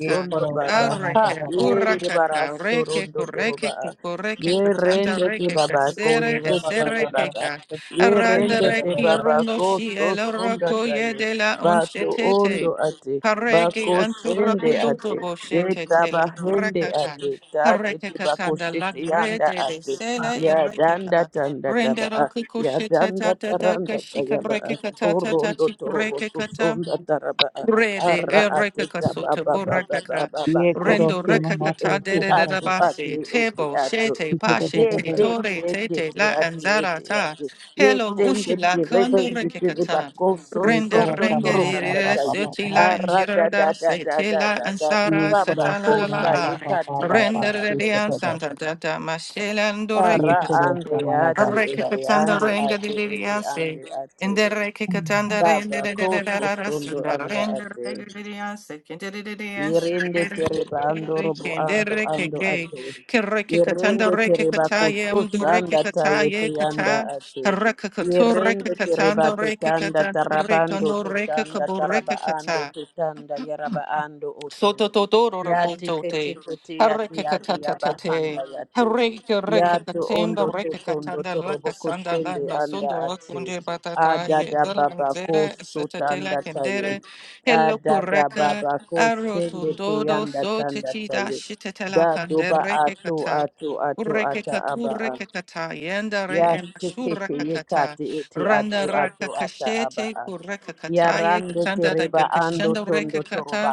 Speaker 2: ये करो
Speaker 3: baba.
Speaker 2: समाना
Speaker 3: Ha
Speaker 1: Areke
Speaker 2: पापा पापा
Speaker 3: yeri de bara
Speaker 1: urakaka reke
Speaker 3: sorondo toroba.
Speaker 1: kureke kukureke
Speaker 3: Ye
Speaker 1: katanda
Speaker 3: rende te
Speaker 1: reke
Speaker 3: baba
Speaker 2: ये
Speaker 1: kasere
Speaker 2: वो
Speaker 3: koshete
Speaker 2: पापा
Speaker 3: ye
Speaker 1: esere
Speaker 2: पापा
Speaker 3: baba.
Speaker 1: keka.
Speaker 3: ye
Speaker 1: Aranda
Speaker 3: rende te
Speaker 1: reki
Speaker 3: baba
Speaker 1: rondo shi
Speaker 3: koso sonda
Speaker 1: elorako
Speaker 3: taye.
Speaker 1: yedela
Speaker 3: Bato ondo
Speaker 1: unshetete.
Speaker 3: ate.
Speaker 1: Paregi
Speaker 3: Bako sende
Speaker 1: anturakudutu
Speaker 3: ate. Deta
Speaker 1: boshetete la
Speaker 3: bahende
Speaker 1: kurakata.
Speaker 3: ate. Tate te bako
Speaker 1: Rekekatanda
Speaker 3: shete
Speaker 1: lakre
Speaker 3: yanda
Speaker 1: de de
Speaker 3: ate.
Speaker 1: sele
Speaker 3: Ya danda
Speaker 1: erekeka.
Speaker 3: tanda taba
Speaker 1: Rendero
Speaker 3: ya
Speaker 1: kukushitata
Speaker 3: danda
Speaker 1: tata
Speaker 3: taranda
Speaker 1: kashika
Speaker 3: tayaba
Speaker 1: rekekatata
Speaker 3: orondo
Speaker 1: tati
Speaker 3: torobo
Speaker 1: rekekata.
Speaker 3: susonda taraba
Speaker 1: Rede
Speaker 3: ara
Speaker 1: ereke
Speaker 3: ateta
Speaker 1: kasuta
Speaker 3: baba baba baba
Speaker 1: borakaka
Speaker 3: baba
Speaker 2: ये
Speaker 3: ko
Speaker 2: करो
Speaker 1: rendo
Speaker 2: से
Speaker 3: eti
Speaker 2: मना तो
Speaker 1: rekakata
Speaker 3: eti
Speaker 1: de de
Speaker 2: करो
Speaker 1: de
Speaker 3: atu
Speaker 2: तो तो
Speaker 3: ati
Speaker 1: basi
Speaker 3: eti
Speaker 1: tebo
Speaker 3: atu
Speaker 1: shete
Speaker 2: ये करो
Speaker 1: pashe
Speaker 3: ye
Speaker 2: तो
Speaker 1: te
Speaker 2: तो
Speaker 3: te
Speaker 1: tore
Speaker 3: te te
Speaker 1: tete
Speaker 3: te
Speaker 1: la
Speaker 3: ati
Speaker 1: anzara
Speaker 3: eti
Speaker 1: ta
Speaker 3: ati ye
Speaker 1: hello
Speaker 3: tende
Speaker 1: ushila
Speaker 3: te te reba
Speaker 1: kondo
Speaker 3: ndi te reba
Speaker 1: rekakata
Speaker 3: ko
Speaker 2: ये
Speaker 1: renda
Speaker 2: करो
Speaker 3: sosondo
Speaker 1: rende
Speaker 2: समाना
Speaker 1: de de
Speaker 3: toroganda
Speaker 2: पापा
Speaker 1: de
Speaker 3: tayi
Speaker 2: पापा
Speaker 1: seti
Speaker 2: पापा
Speaker 1: la
Speaker 3: ara da da
Speaker 1: anjirada
Speaker 3: da
Speaker 1: se
Speaker 3: da
Speaker 1: te
Speaker 3: da
Speaker 1: la
Speaker 3: da da da
Speaker 2: ये
Speaker 1: ansara
Speaker 3: papa
Speaker 2: करो
Speaker 3: ko
Speaker 1: satala
Speaker 2: से
Speaker 1: la la
Speaker 3: sa
Speaker 2: मना
Speaker 3: ye
Speaker 1: la
Speaker 2: पापा
Speaker 3: kati
Speaker 1: a
Speaker 2: पापा
Speaker 3: yaba
Speaker 2: पापा
Speaker 1: renda de
Speaker 3: ato.
Speaker 1: de ansanta da da mashela ndo
Speaker 2: ये
Speaker 3: Ara
Speaker 2: करो
Speaker 1: rekakata
Speaker 3: ande
Speaker 2: समाना
Speaker 3: ate ete
Speaker 2: Das
Speaker 1: rekakata
Speaker 3: ande
Speaker 1: renda de
Speaker 3: ate
Speaker 1: de
Speaker 3: ete
Speaker 1: de
Speaker 3: ande
Speaker 1: in
Speaker 3: ate.
Speaker 1: the reke katanda,
Speaker 3: Daba
Speaker 1: Indere ke katandere indere de de de
Speaker 3: kofu
Speaker 1: de de
Speaker 3: fundo
Speaker 1: sundere
Speaker 3: anda
Speaker 1: indere
Speaker 3: ate.
Speaker 1: ke gidiyan sek indere de de yan
Speaker 3: Yerende tereba ando
Speaker 1: sek
Speaker 3: robo ando
Speaker 1: indere ke
Speaker 3: ando
Speaker 1: gay
Speaker 3: ate.
Speaker 1: ke reke katanda,
Speaker 3: Yerende
Speaker 1: katandere ke
Speaker 3: tereba
Speaker 1: kataye mdure ke
Speaker 3: kusanda tayete
Speaker 1: kataye
Speaker 3: yanda
Speaker 1: kata
Speaker 3: ate.
Speaker 1: re ke kature
Speaker 3: Yerende
Speaker 1: ke
Speaker 3: tereba
Speaker 1: katandere ke
Speaker 3: tutanda
Speaker 1: katandere
Speaker 3: tarabando
Speaker 1: kandore ke
Speaker 3: tutanda
Speaker 1: kabure
Speaker 3: taraba
Speaker 1: ke kata
Speaker 3: ando tutanda yaraba ando oto.
Speaker 1: Soto totoro
Speaker 3: Yati kete
Speaker 1: rabotote.
Speaker 3: kete yati
Speaker 1: Hareka
Speaker 3: yati
Speaker 1: katatatate.
Speaker 3: yabahanda yate.
Speaker 1: Hareka reka
Speaker 3: Yato
Speaker 1: katemba
Speaker 3: ondo
Speaker 1: reka
Speaker 3: totondo
Speaker 1: katanda
Speaker 3: torobo
Speaker 1: laka sanda la
Speaker 3: kushende
Speaker 1: no
Speaker 3: anda
Speaker 1: sundo
Speaker 3: ate.
Speaker 1: lakunde batata ye
Speaker 3: Adada baba
Speaker 1: dalanzera satadela
Speaker 3: kusutanda taye.
Speaker 1: kendere.
Speaker 3: Ah,
Speaker 1: Hello
Speaker 3: da da ba
Speaker 1: kureka.
Speaker 3: ba ko
Speaker 1: Aro
Speaker 3: shende te
Speaker 1: tundodo
Speaker 3: yanda
Speaker 1: so
Speaker 3: tanda
Speaker 1: tichida
Speaker 3: taye.
Speaker 1: shitetela
Speaker 3: Da do ba
Speaker 1: kandere
Speaker 3: ato
Speaker 1: kata.
Speaker 3: ato ato
Speaker 1: Ureke
Speaker 3: ata
Speaker 1: katu
Speaker 3: aba a.
Speaker 1: reke kata yenda re emashura
Speaker 3: Yasikiti
Speaker 1: kakata
Speaker 3: yikati iti
Speaker 1: randa
Speaker 3: atu atu
Speaker 1: raka
Speaker 3: ata aba
Speaker 1: kashete
Speaker 3: a.
Speaker 1: kureka kataye
Speaker 3: Yarande
Speaker 1: katanda da
Speaker 3: tereba ando
Speaker 1: gakashenda reka
Speaker 3: tondo
Speaker 1: kata
Speaker 3: toroba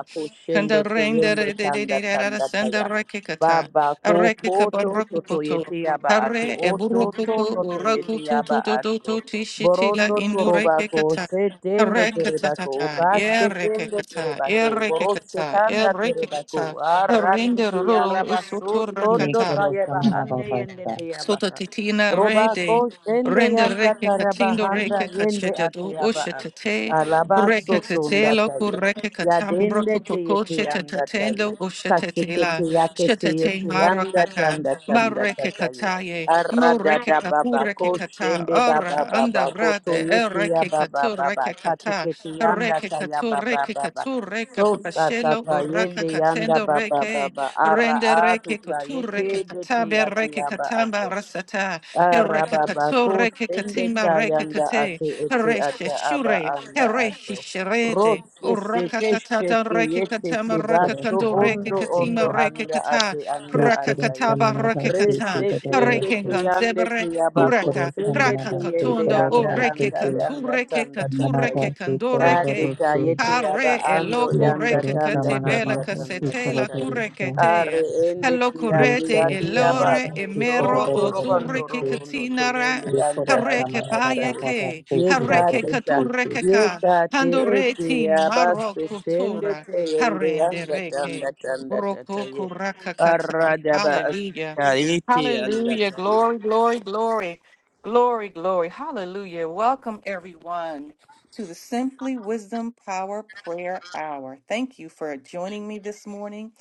Speaker 1: Kanda
Speaker 3: kushende
Speaker 1: renda
Speaker 3: teyende
Speaker 1: re de de
Speaker 3: tanda
Speaker 1: de de da da
Speaker 3: tanda
Speaker 1: senda
Speaker 3: taya.
Speaker 1: reke kata.
Speaker 3: Baba
Speaker 1: A reke
Speaker 3: koko
Speaker 1: kaba
Speaker 3: to
Speaker 1: roku
Speaker 3: toto yeti aba atu
Speaker 1: Hare e buru
Speaker 3: oto
Speaker 1: kuku
Speaker 3: tondo
Speaker 1: u
Speaker 3: to yeti
Speaker 1: tu
Speaker 3: aba
Speaker 1: tu tu tu
Speaker 3: atu.
Speaker 1: tu ti shi ti la
Speaker 3: Borondo
Speaker 1: indu
Speaker 3: toroba
Speaker 1: reke
Speaker 3: ko
Speaker 1: kata.
Speaker 3: setende
Speaker 1: Hare kata
Speaker 3: tereba
Speaker 1: ta
Speaker 3: ko
Speaker 1: ta. E
Speaker 3: kashe
Speaker 1: reke
Speaker 3: tende
Speaker 1: kata.
Speaker 3: tereba ko
Speaker 1: E reke
Speaker 3: borose
Speaker 1: kata. E
Speaker 3: tanda
Speaker 1: reke
Speaker 3: tereba ko
Speaker 1: kata. E
Speaker 3: arande
Speaker 1: renda ro ro
Speaker 3: tiyaraba so
Speaker 2: एक
Speaker 3: tondo
Speaker 2: crore
Speaker 3: tayeba
Speaker 2: समाना
Speaker 3: hande yende
Speaker 2: बापास्ता
Speaker 1: Sota
Speaker 3: teyaba.
Speaker 1: titina re
Speaker 3: Roba
Speaker 1: de
Speaker 3: ko shende
Speaker 1: rende
Speaker 3: yanda
Speaker 1: reke katindo
Speaker 3: tarabahanda
Speaker 1: reke
Speaker 3: yende
Speaker 1: kachete do
Speaker 3: atuyaba.
Speaker 1: ushetete
Speaker 3: Alaba
Speaker 1: reke
Speaker 3: soto
Speaker 1: tetelo ku
Speaker 3: ndataye.
Speaker 1: reke katam
Speaker 3: Yadende
Speaker 1: roku koko
Speaker 3: teyete
Speaker 1: chete
Speaker 3: yanda
Speaker 1: tatendo
Speaker 3: taye.
Speaker 1: ushetete la
Speaker 3: Kasekete yake teyete
Speaker 1: shetete maro
Speaker 3: yanda
Speaker 1: kaka
Speaker 3: tanda tanda
Speaker 1: mareke
Speaker 3: tataye.
Speaker 1: kataye mo
Speaker 3: Arada
Speaker 1: reke
Speaker 3: da
Speaker 1: kapu
Speaker 3: baba
Speaker 1: reke
Speaker 3: ko
Speaker 1: kata
Speaker 3: shende baba
Speaker 1: ora anda
Speaker 3: baba ko
Speaker 1: rade e
Speaker 3: toyete ya
Speaker 1: reke
Speaker 3: baba
Speaker 1: katu
Speaker 3: baba.
Speaker 1: reke kata
Speaker 3: Kasekete yanda
Speaker 1: reke
Speaker 3: taya
Speaker 1: katu
Speaker 3: baba
Speaker 1: reke
Speaker 3: baba.
Speaker 1: katu reke
Speaker 3: So
Speaker 1: kapashelo
Speaker 3: satata
Speaker 1: uraka
Speaker 3: yende yanda
Speaker 1: katendo
Speaker 3: baba
Speaker 1: reke
Speaker 3: baba. Ara
Speaker 1: Rende
Speaker 3: atu
Speaker 1: reke kotu
Speaker 3: taye
Speaker 1: reke
Speaker 3: kede
Speaker 1: katabe
Speaker 3: teyate
Speaker 1: reke
Speaker 3: yaba
Speaker 1: katamba
Speaker 3: ato.
Speaker 1: rasata. Reke kato
Speaker 3: Arababako
Speaker 1: reke
Speaker 3: sende
Speaker 1: katimba reke
Speaker 3: tayanda
Speaker 1: kate.
Speaker 3: ate ete
Speaker 1: Reshe
Speaker 3: ata aba
Speaker 1: shure.
Speaker 3: anda ato.
Speaker 1: Reshi sherete.
Speaker 3: Rose
Speaker 1: Uraka
Speaker 3: seke
Speaker 1: katata
Speaker 3: sheke
Speaker 1: reke
Speaker 3: yete
Speaker 1: katama
Speaker 2: एक
Speaker 1: reke
Speaker 2: crore
Speaker 3: tebaso
Speaker 1: kando
Speaker 2: समाना
Speaker 1: reke
Speaker 3: ondo
Speaker 2: चीज़
Speaker 3: ondo
Speaker 1: katima reke
Speaker 3: anda
Speaker 1: kata.
Speaker 3: ate anda
Speaker 2: एक
Speaker 1: Praka
Speaker 2: crore
Speaker 3: atayo.
Speaker 1: kataba
Speaker 2: समाना
Speaker 1: reke
Speaker 2: चीज़
Speaker 1: kata.
Speaker 2: तो तो
Speaker 3: Resetende
Speaker 1: Reke
Speaker 3: teyande
Speaker 1: ganzebre.
Speaker 2: एक
Speaker 3: teyabako
Speaker 2: crore
Speaker 1: Uraka.
Speaker 3: sende
Speaker 2: समाना
Speaker 1: Praka
Speaker 3: te
Speaker 2: चीज़
Speaker 3: yende
Speaker 1: katundo.
Speaker 2: करो
Speaker 1: O
Speaker 2: तो
Speaker 3: anda
Speaker 2: रोस्ते
Speaker 1: reke
Speaker 3: anda
Speaker 1: kantu
Speaker 3: yanda
Speaker 1: reke
Speaker 3: tanda
Speaker 1: katu
Speaker 2: समाना
Speaker 3: tatayi.
Speaker 1: reke
Speaker 2: चीज़
Speaker 1: kando
Speaker 2: करो तो
Speaker 3: Yade
Speaker 1: reke.
Speaker 2: रोस्ते
Speaker 3: tayete yaba
Speaker 1: Kare
Speaker 3: ando
Speaker 1: elo
Speaker 2: एक
Speaker 1: kore
Speaker 3: yanda
Speaker 2: crore
Speaker 3: tanda
Speaker 1: kakate
Speaker 2: समाना
Speaker 1: bela
Speaker 3: tanda
Speaker 2: बापास्ता
Speaker 3: tanda
Speaker 2: एक
Speaker 1: kasete la
Speaker 2: crore
Speaker 3: tatayi.
Speaker 1: kure
Speaker 2: रोस्ते
Speaker 3: Are ende
Speaker 1: Hello
Speaker 2: एक
Speaker 3: tiyadi
Speaker 1: kurete
Speaker 2: crore
Speaker 3: yadi yadi yaba
Speaker 2: समाना
Speaker 1: elore
Speaker 3: to
Speaker 2: चीज़ करो
Speaker 1: emero
Speaker 2: तो
Speaker 3: to
Speaker 1: o
Speaker 3: robando
Speaker 2: रोस्ते
Speaker 3: robondo
Speaker 1: katinara.
Speaker 3: toyende
Speaker 2: एक
Speaker 3: anda
Speaker 2: crore
Speaker 1: Hare
Speaker 3: anda
Speaker 1: ke
Speaker 2: समानी
Speaker 1: paye
Speaker 2: बापा
Speaker 3: atayi.
Speaker 2: बापा
Speaker 1: ke.
Speaker 2: चीज़
Speaker 1: Hare
Speaker 2: करो तो
Speaker 1: ke
Speaker 3: Yekate ta,
Speaker 2: रोस्ते
Speaker 3: yekate ete
Speaker 1: maro
Speaker 3: yabaste sende
Speaker 1: kutura.
Speaker 3: te yende
Speaker 1: Harende
Speaker 3: yanda tanda
Speaker 1: reke.
Speaker 3: tanda tata
Speaker 1: Broko
Speaker 3: ye.
Speaker 1: kuraka kata.
Speaker 3: Arada ba
Speaker 1: Hallelujah.
Speaker 3: asita ete yanda
Speaker 1: Hallelujah. Glory, glory, glory. Glory, glory. Hallelujah. Welcome everyone to the Simply Wisdom Power Prayer Hour. Thank you for joining me this morning.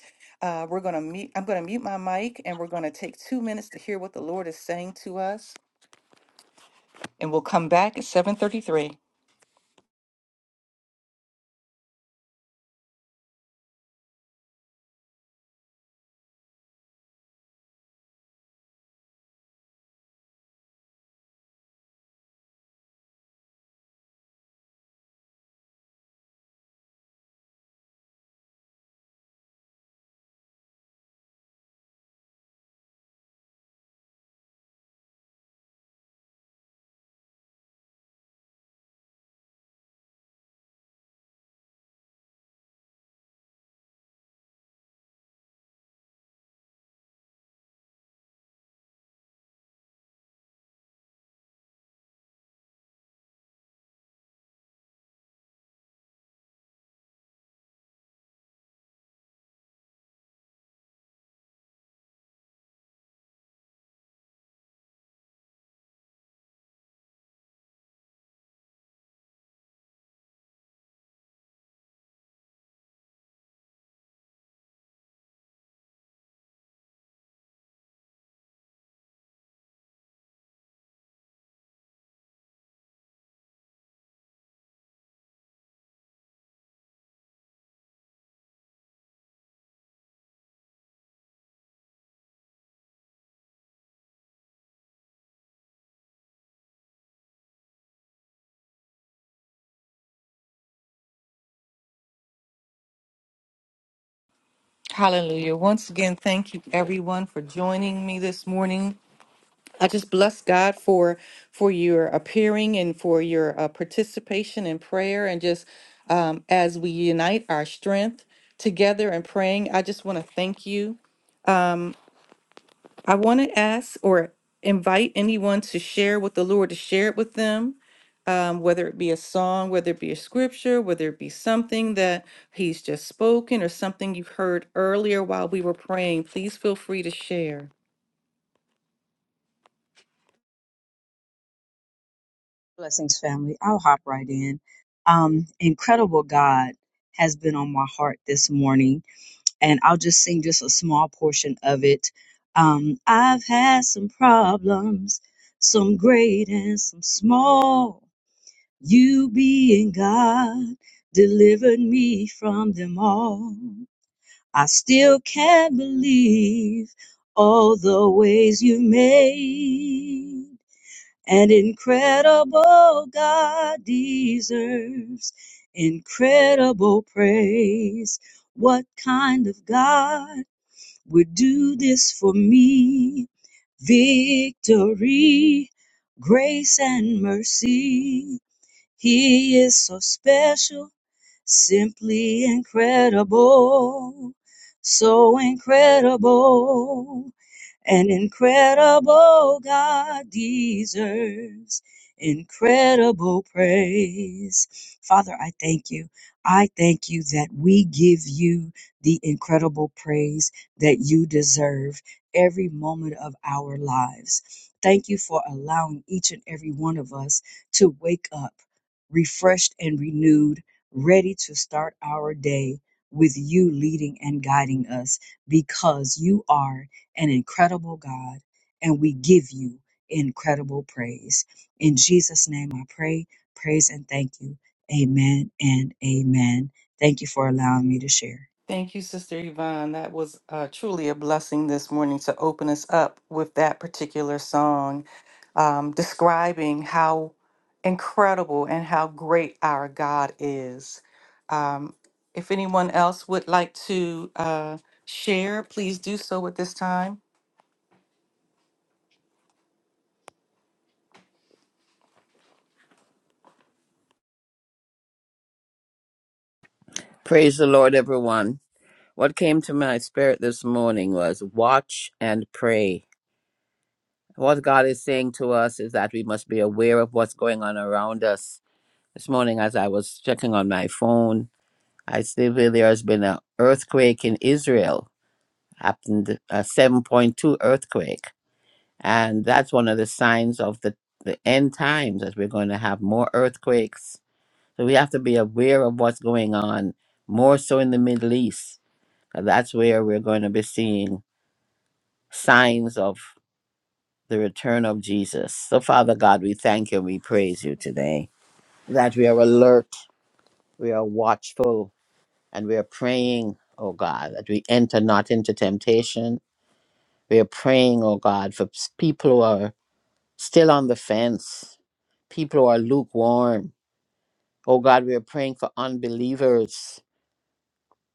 Speaker 1: Uh, we're gonna mute. I'm gonna mute my mic, and we're gonna take two minutes to hear what the Lord is saying to us, and we'll come back at 7:33. Hallelujah! Once again, thank you everyone for joining me this morning. I just bless God for for your appearing and for your uh, participation in prayer, and just um, as we unite our strength together and praying. I just want to thank you I want to ask or invite anyone to share what the Lord has shared with them, um, whether it be a song, whether it be a scripture, whether it be something that He's just spoken or something you heard earlier while we were praying. Please feel free to share.
Speaker 4: Blessings, family. I'll hop right in. Um, incredible God has been on my heart this morning, and I'll just sing just a small portion of it. Um, I've had some problems, some great and some small. You being God delivered me from them all. I still can't believe all the ways you made. And incredible God deserves incredible praise. What kind of God would do this for me? Victory, grace, and mercy. He is so special, simply incredible, so incredible. An incredible God deserves incredible praise. Father, I thank you. I thank you that we give you the incredible praise that you deserve every moment of our lives. Thank you for allowing each and every one of us to wake up refreshed and renewed, ready to start our day with you leading and guiding us because you are an incredible God, and we give you incredible praise. In Jesus' name I pray, praise, and thank you. Amen and amen. Thank you for allowing me to share.
Speaker 1: Thank you, Sister Yvonne. That was uh, truly a blessing this morning to open us up with that particular song. um, describing how incredible and how great our God is. Um, if anyone else would like to uh, share, please do so at this time.
Speaker 5: Praise the Lord, everyone. What came to my spirit this morning was watch and pray. What God is saying to us is that we must be aware of what's going on around us. This morning, as I was checking on my phone, I see where there has been an earthquake in Israel, happened a 7.2 earthquake. And that's one of the signs of the, the end times, that we're going to have more earthquakes. So we have to be aware of what's going on, more so in the Middle East And that's where we're going to be seeing signs of the return of Jesus. So, Father God, we thank you and we praise you today that we are alert, we are watchful, and we are praying, oh God, that we enter not into temptation. We are praying, oh God, for s- people who are still on the fence, people who are lukewarm. Oh God, we are praying for unbelievers,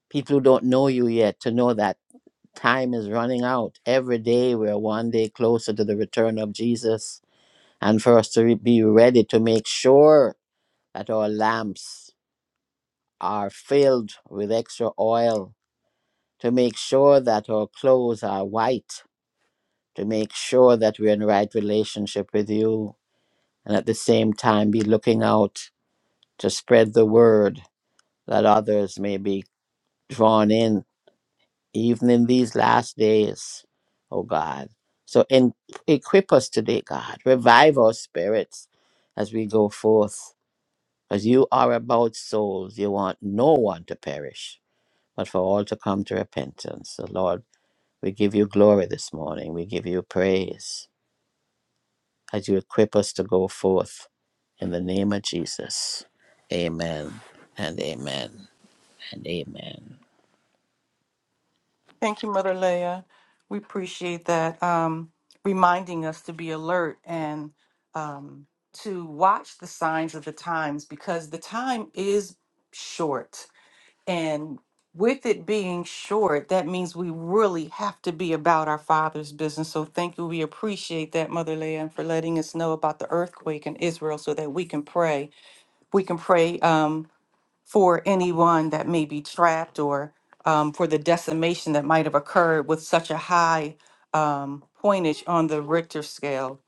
Speaker 5: people who don't know you yet, to know that. Time is running out. Every day we're one day closer to the return of Jesus, and for us to re- be ready to make sure that our lamps are filled with extra oil, to make sure that our clothes are white, to make sure that we're in right relationship with you, and at the same time be looking out to spread the word that others may be drawn in even in these last days, oh God. So in, equip us today, God. Revive our spirits as we go forth. As you are about souls, you want no one to perish, but for all to come to repentance. So, Lord, we give you glory this morning. We give you praise as you equip us to go forth. In the name of Jesus, amen and amen and amen.
Speaker 1: Thank you, Mother Leah. We appreciate that um, reminding us to be alert and um, to watch the signs of the times because the time is short And with it being short, that means we really have to be about our Father's business. So thank you. We appreciate that, Mother Leanne, for letting us know about the earthquake in Israel so that we can pray. We can pray um, for anyone that may be trapped or um, for the decimation that might have occurred with such a high um, pointage on the Richter scale.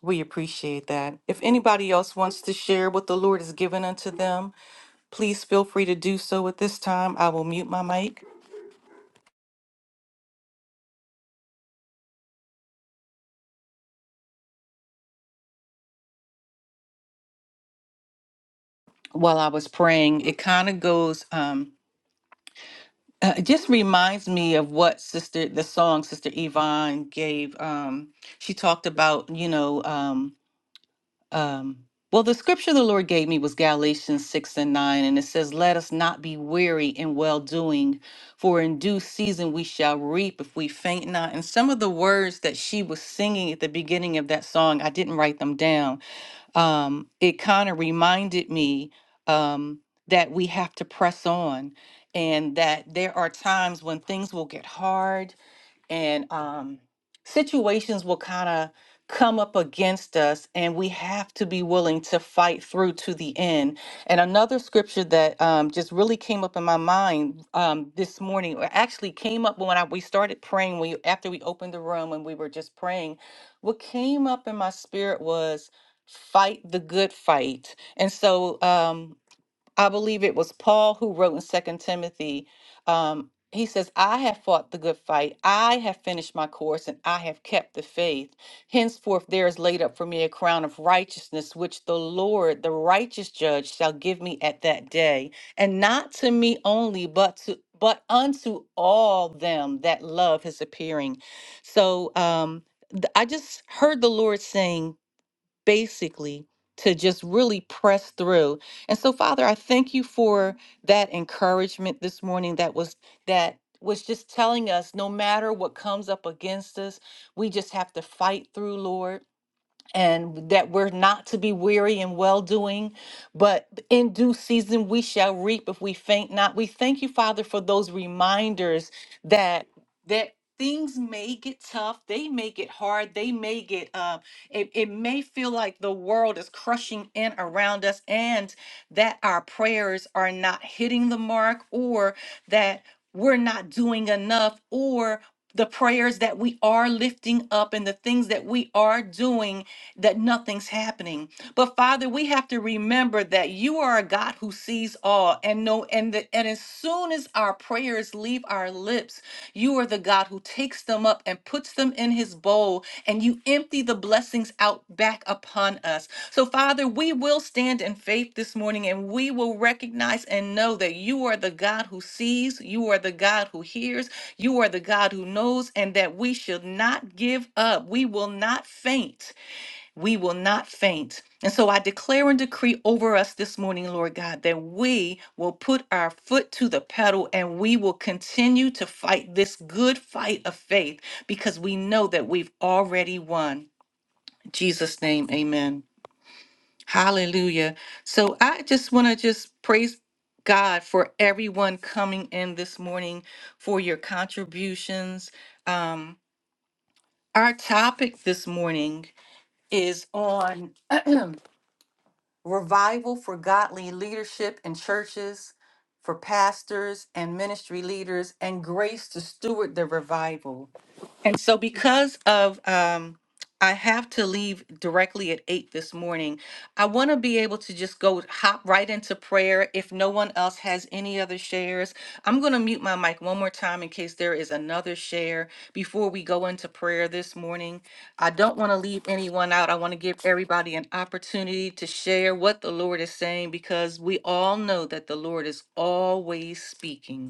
Speaker 1: We appreciate that. If anybody else wants to share what the Lord has given unto them, Please feel free to do so at this time. I will mute my mic. While I was praying, it kind of goes, um, uh, it just reminds me of what Sister, the song Sister Yvonne gave. Um, she talked about, you know, um, um, well, the scripture the Lord gave me was Galatians 6 and 9, and it says, Let us not be weary in well doing, for in due season we shall reap if we faint not. And some of the words that she was singing at the beginning of that song, I didn't write them down um, it kind of reminded me um, that we have to press on and that there are times when things will get hard and um, situations will kind of come up against us, and we have to be willing to fight through to the end. And another scripture that um, just really came up in my mind um, this morning, or actually came up when I, we started praying, we after we opened the room and we were just praying, what came up in my spirit was fight the good fight. And so, um, I believe it was Paul who wrote in Second Timothy. Um, he says, "I have fought the good fight. I have finished my course, and I have kept the faith. Henceforth, there is laid up for me a crown of righteousness, which the Lord, the righteous Judge, shall give me at that day, and not to me only, but to but unto all them that love His appearing." So um, th- I just heard the Lord saying basically to just really press through. And so Father, I thank you for that encouragement this morning that was that was just telling us no matter what comes up against us, we just have to fight through, Lord and that we're not to be weary in well doing, but in due season we shall reap if we faint not. We thank you, Father, for those reminders that that things may get tough, they may get hard, they may get uh, it, it may feel like the world is crushing in around us, and that our prayers are not hitting the mark, or that we're not doing enough, or the prayers that we are lifting up and the things that we are doing that nothing's happening. But Father, we have to remember that you are a God who sees all and know and that and as soon as our prayers leave our lips, you are the God who takes them up and puts them in his bowl and you empty the blessings out back upon us. So Father, we will stand in faith this morning and we will recognize and know that you are the God who sees, you are the God who hears, you are the God who knows and that we should not give up. We will not faint we will not faint. And so I declare and decree over us this morning, Lord God, that we will put our foot to the pedal and we will continue to fight this good fight of faith because we know that we've already won. In Jesus' name, amen. Hallelujah. So I just want to just praise God for everyone coming in this morning for your contributions. Um, our topic this morning is on revival for godly leadership in churches, for pastors and ministry leaders, and grace to steward the revival. And so because of um I have to leave directly at 8 this morning. I want to be able to just go hop right into prayer if no one else has any other shares. I'm going to mute my mic one more time in case there is another share before we go into prayer this morning. I don't want to leave anyone out. I want to give everybody an opportunity to share what the Lord is saying because we all know that the Lord is always speaking.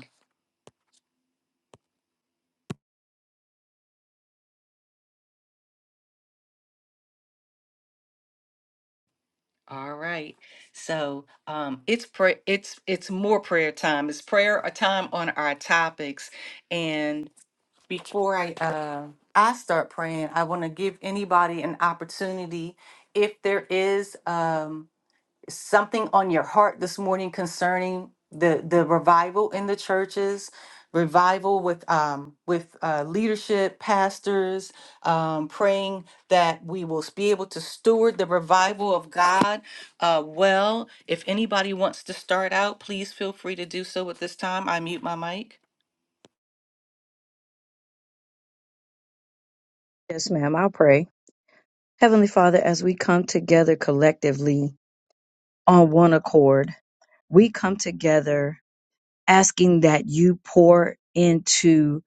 Speaker 1: All right. So um, it's pray it's it's more prayer time. It's prayer a time on our topics. And before I uh, I start praying, I want to give anybody an opportunity if there is. Um, something on your heart this morning concerning the the revival in the churches revival with um with uh leadership pastors um praying that we will be able to steward the revival of god uh well if anybody wants to start out please feel free to do so at this time i mute my mic
Speaker 4: Yes, ma'am. I'll pray. Heavenly Father, as we come together collectively on one accord, we come together asking that you pour into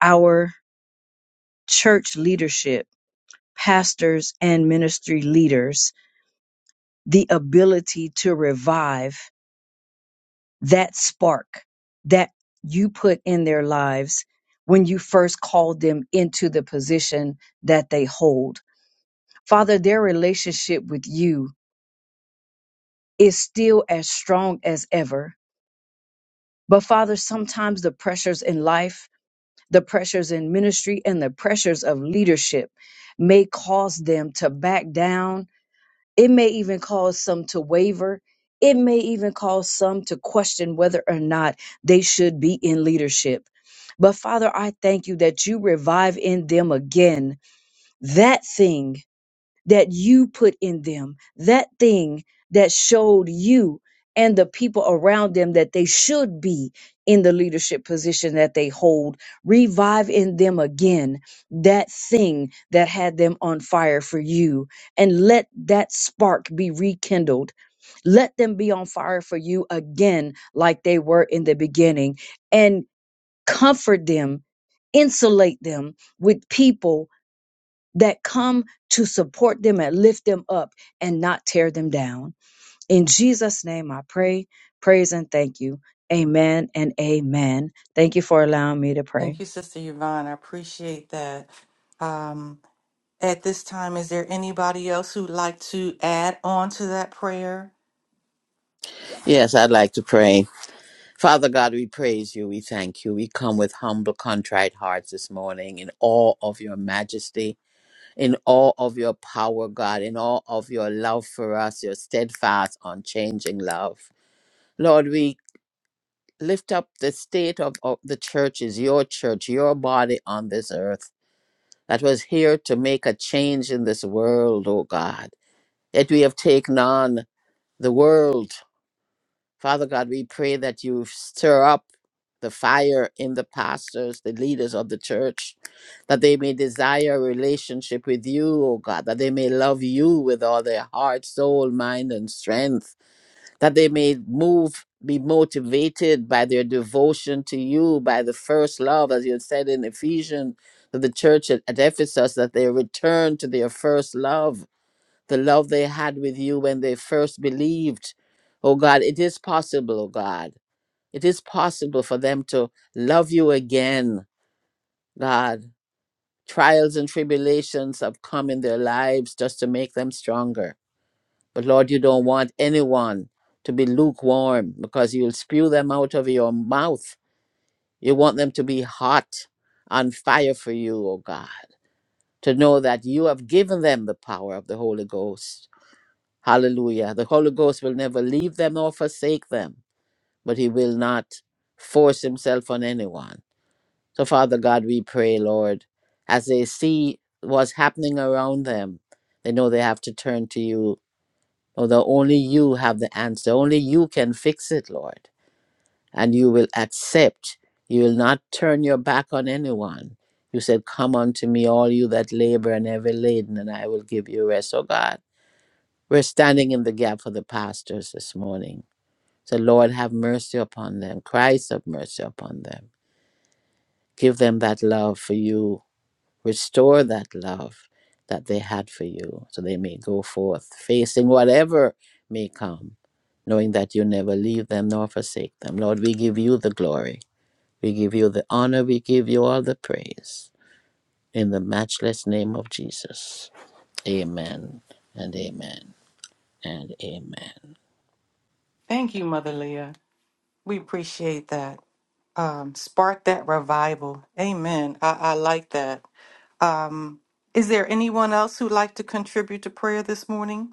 Speaker 4: our church leadership, pastors, and ministry leaders the ability to revive. that spark that you put in their lives when you first called them into the position that they hold. Father, their relationship with you is still as strong as ever. But Father, sometimes the pressures in life, the pressures in ministry, and the pressures of leadership may cause them to back down It may even cause some to waver. It may even cause some to question whether or not they should be in leadership. But Father, I thank you that you revive in them again that thing that you put in them, that thing that showed you and the people around them that they should be in the leadership position that they hold. Revive in them again that thing that had them on fire for you and let that spark be rekindled. Let them be on fire for you again, like they were in the beginning, and comfort them, insulate them with people that come to support them and lift them up and not tear them down. In Jesus' name, I pray, praise, and thank you. Amen and amen. Thank you for allowing me to pray.
Speaker 1: thank you sister yvonne i appreciate that um at this time is there anybody else who'd like to add on to that prayer
Speaker 5: Yes, I'd like to pray. Father God, we praise you. We thank you. We come with humble, contrite hearts this morning in awe of your majesty, in awe of your power, God, in awe of your love for us, your steadfast, unchanging love. Lord, we lift up the state of, of the churches, your church, your body on this earth that was here to make a change in this world, oh God. Yet we have taken on the world Father God, we pray that you stir up the fire in the pastors, the leaders of the church, that they may desire a relationship with you, O God, that they may love you with all their heart, soul, mind, and strength, that they may move, be motivated by their devotion to you, by the first love, as you said in Ephesians, to the church at, at Ephesus, that they return to their first love the love they had with you when they first believed. Oh God, it is possible, oh God. It is possible for them to love you again, God. Trials and tribulations have come in their lives just to make them stronger. But Lord, you don't want anyone to be lukewarm because you'll spew them out of your mouth. You want them to be hot, on fire for you, oh God, to know that you have given them the power of the Holy Ghost Hallelujah. The Holy Ghost will never leave them nor forsake them, but He will not force Himself on anyone. So, Father God, we pray, Lord, as they see what's happening around them, they know they have to turn to you. Although only you have the answer, only you can fix it, Lord. And you will accept, you will not turn your back on anyone. You said, Come unto me, all you that labor and heavy laden, and I will give you rest, O God. We're standing in the gap for the pastors this morning. So, Lord, have mercy upon them. Christ, have mercy upon them. Give them that love for you. Restore that love that they had for you so they may go forth facing whatever may come, knowing that you never leave them nor forsake them. Lord, we give you the glory. We give you the honor. We give you all the praise. In the matchless name of Jesus. Amen and amen and amen.
Speaker 1: Thank you, Mother Leah. We appreciate that. Um, spark that revival. Amen. I, I like that. Um, is there anyone else who'd like to contribute to prayer this morning?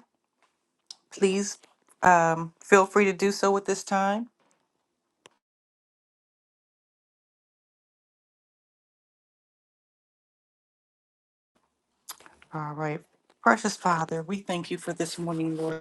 Speaker 1: Please um, feel free to do so at this time. All right. Precious Father, we thank you for this morning, Lord.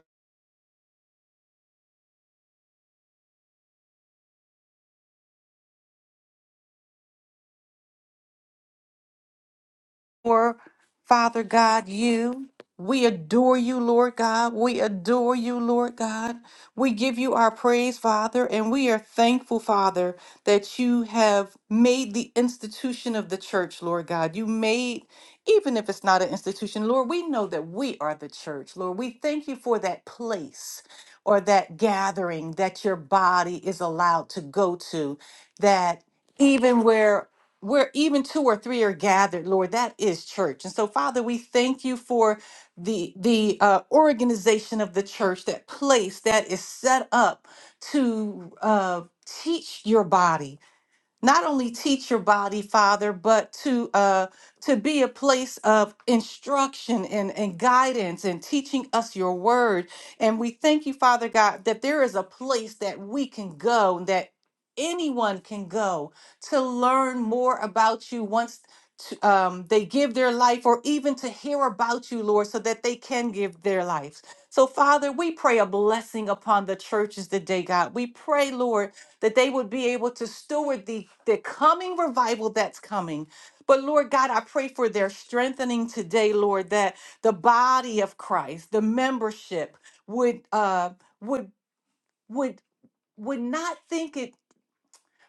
Speaker 1: for, Father God, you. We adore you, Lord God. We adore you, Lord God. We give you our praise, Father, and we are thankful, Father, that you have made the institution of the church, Lord God. You made, even if it's not an institution, Lord, we know that we are the church, Lord. We thank you for that place or that gathering that your body is allowed to go to, that even where where even two or three are gathered lord that is church and so father we thank you for the the uh, organization of the church that place that is set up to uh, teach your body not only teach your body, Father, but to uh, to be a place of instruction and, and guidance and teaching us your word. And we thank you, Father God, that there is a place that we can go and that anyone can go to learn more about you once to, um, they give their life or even to hear about you, Lord, so that they can give their lives. So, Father, we pray a blessing upon the churches today, God. We pray, Lord that they would be able to steward the, the coming revival that's coming. But Lord God, I pray for their strengthening today, Lord, that the body of Christ, the membership, would uh would would would not think it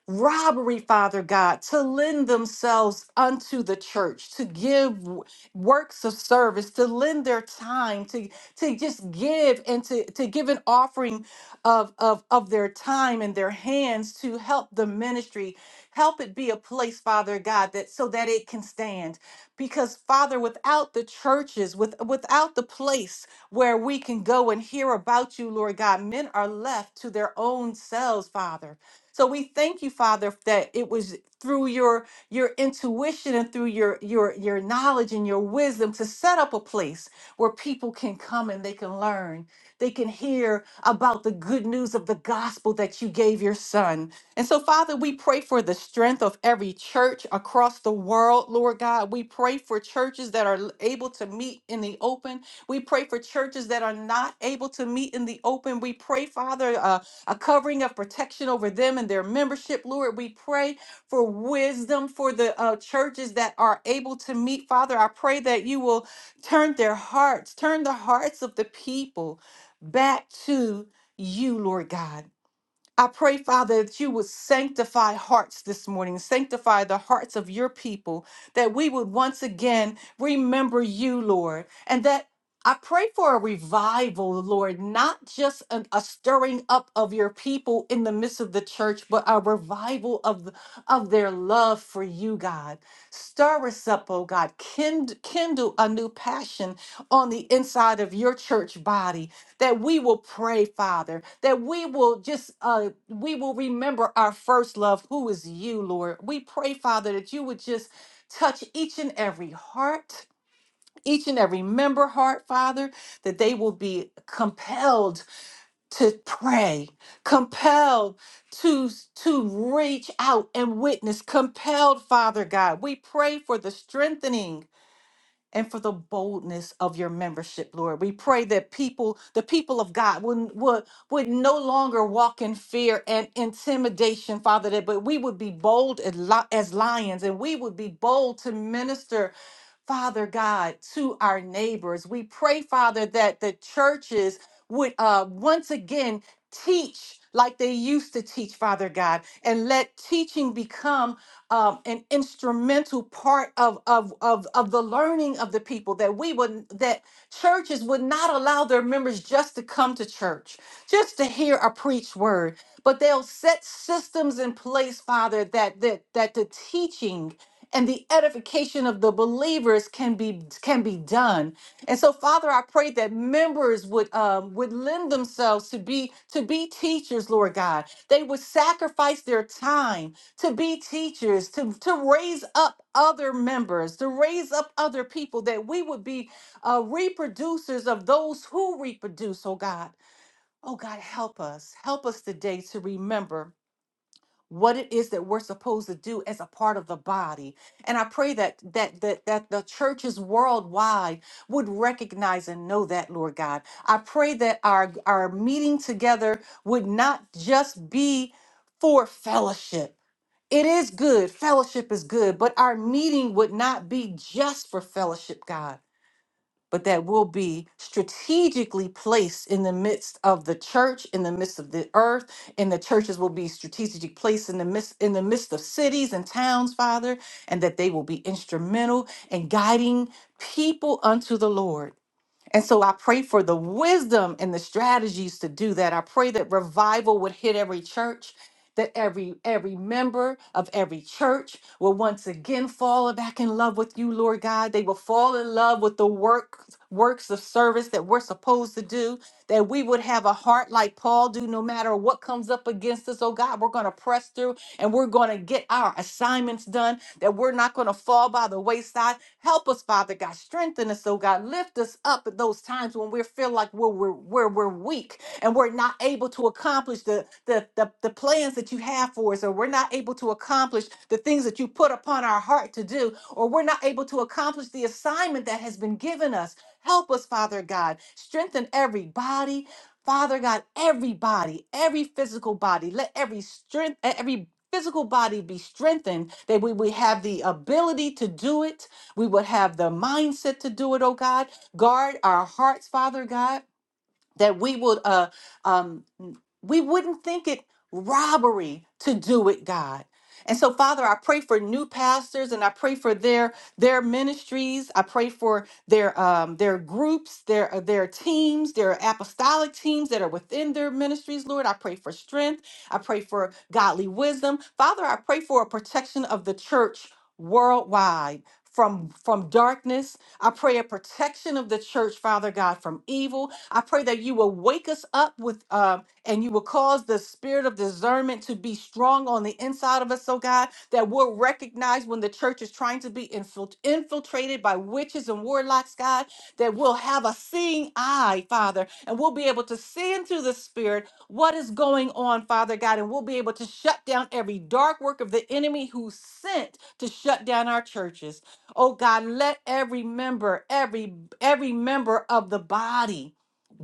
Speaker 1: robbery, Father God, to lend themselves unto the church, to give w- works of service, to lend their time, to, to just give and to, to give an offering of, of, of their time and their hands to help the ministry. Help it be a place, Father God, that so that it can stand. Because Father, without the churches, with without the place where we can go and hear about you, Lord God, men are left to their own selves, Father. So we thank you, Father, that it was through your your intuition and through your your your knowledge and your wisdom to set up a place where people can come and they can learn. They can hear about the good news of the gospel that you gave your son. And so, Father, we pray for the strength of every church across the world, Lord God. We pray for churches that are able to meet in the open. We pray for churches that are not able to meet in the open. We pray, Father. uh, a covering of protection over them and their membership. Lord, we pray for wisdom for the uh, churches that are able to meet. Father, I pray that you will turn their hearts, turn the hearts of the people back to you, Lord God. I pray, Father, that you would sanctify hearts this morning, sanctify the hearts of your people, that we would once again remember you, Lord, and that I pray for a revival, Lord, not just an- a stirring up of your people in the midst of the church, but a revival of, the- of their love for you, God. Stir us up, oh God. Kind, kindle a new passion on the inside of your church body that we will pray, Father, that we will just uh we will remember our first love, who is you, Lord. We pray, Father, that you would just touch each and every heart, each and every member heart, Father, that they will be compelled to pray, compelled to to reach out and witness, compelled, Father God. We pray for the strengthening and for the boldness of your membership, Lord. We pray that people, the people of God, would, would, would no longer walk in fear and intimidation, Father, that but we would be bold as li- as lions and we would be bold to minister. Father God, to our neighbors. We pray, Father, that the churches would uh, once again teach like they used to teach, Father God, and let teaching become um, an instrumental part of, of of of the learning of the people that we would that churches would not allow their members just to come to church just to hear a preached word but they'll set systems in place father that that that the teaching and the edification of the believers can be can be done and so father i pray that members would um would lend themselves to be to be teachers lord god they would sacrifice their time to be teachers, to, to raise up other members, to raise up other people, that we would be uh, reproducers of those who reproduce, oh God. Oh God, help us. Help us today to remember what it is that we're supposed to do as a part of the body. And I pray that that that that the churches worldwide would recognize and know that, Lord God. I pray that our our meeting together would not just be for fellowship it is good. Fellowship is good. But our meeting would not be just for fellowship, God, but that will be strategically placed in the midst of the church, in the midst of the earth, and the churches will be strategically placed in the midst in the midst of cities and towns, Father, and that they will be instrumental in guiding people unto the Lord. And so I pray for the wisdom and the strategies to do that. I pray that revival would hit every church, that every every member of every church will once again fall back in love with you, Lord God. They will fall in love with the work works of service that we're supposed to do, that we would have a heart like Paul do no matter what comes up against us. Oh God, we're going to press through and we're going to get our assignments done that we're not going to fall by the wayside. Help us, Father God. Strengthen us, oh God. Lift us up at those times when we feel like we're, we're, we're, we're weak and we're not able to accomplish the, the, the, the plans that you have for us, or we're not able to accomplish the things that you put upon our heart to do, or we're not able to accomplish the assignment that has been given us. Help us, Father God. Strengthen every body. Father God, every body, every physical body, let every strength, every physical body be strengthened, that we would have the ability to do it. We would have the mindset to do it, oh God. Guard our hearts, Father God that we would uh um we wouldn't think it robbery to do it god and so father i pray for new pastors and i pray for their their ministries i pray for their um their groups their uh, their teams their apostolic teams that are within their ministries lord i pray for strength i pray for godly wisdom father i pray for a protection of the church worldwide from from darkness i pray a protection of the church father god from evil I pray that you will wake us up with um, and you will cause the spirit of discernment to be strong on the inside of us, oh God, that we'll recognize when the church is trying to be infilt- infiltrated by witches and warlocks, God, that we'll have a seeing eye, Father, and we'll be able to see into the spirit what is going on, Father God, and we'll be able to shut down every dark work of the enemy who's sent to shut down our churches. Oh God, let every member, every every member of the body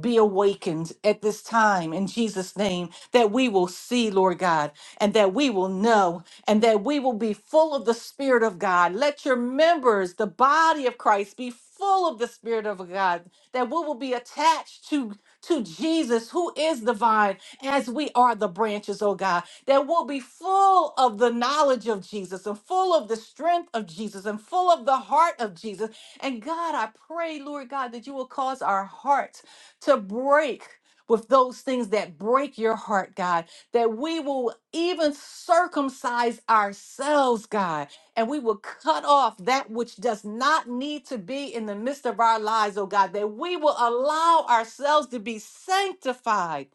Speaker 1: be awakened at this time in Jesus' name, that we will see, Lord God, and that we will know, and that we will be full of the Spirit of God. Let your members, the body of Christ, be full of the Spirit of God, that we will be attached to. To Jesus, who is the vine, as we are the branches, oh God, that we'll be full of the knowledge of Jesus and full of the strength of Jesus and full of the heart of Jesus. And God, I pray, Lord God, that you will cause our heart to break with those things that break your heart, God, that we will even circumcise ourselves, God, and we will cut off that which does not need to be in the midst of our lives, oh God, that we will allow ourselves to be sanctified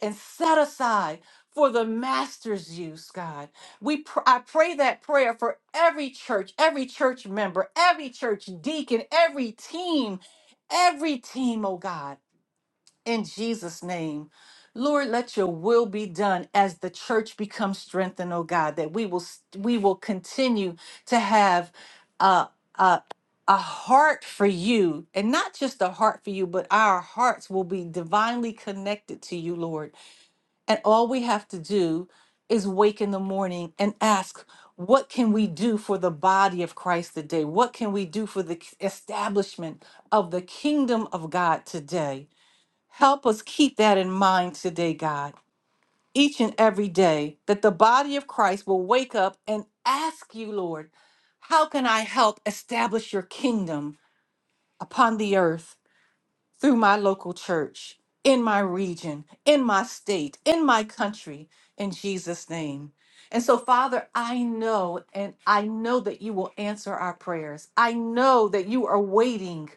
Speaker 1: and set aside for the master's use, God. We pr- I pray that prayer for every church, every church member, every church deacon, every team, every team, oh God in Jesus' name. Lord, let your will be done as the church becomes strengthened, oh God, that we will s- we will continue to have a, a a heart for you, and not just a heart for you, but our hearts will be divinely connected to you, Lord. And all we have to do is wake in the morning and ask, what can we do for the body of Christ today? What can we do for the establishment of the kingdom of God today? Help us keep that in mind today, God, each and every day, that the body of Christ will wake up and ask you, Lord, how can I help establish your kingdom upon the earth through my local church, in my region, in my state, in my country, in Jesus' name? And so, Father, I know, and I know that you will answer our prayers. I know that you are waiting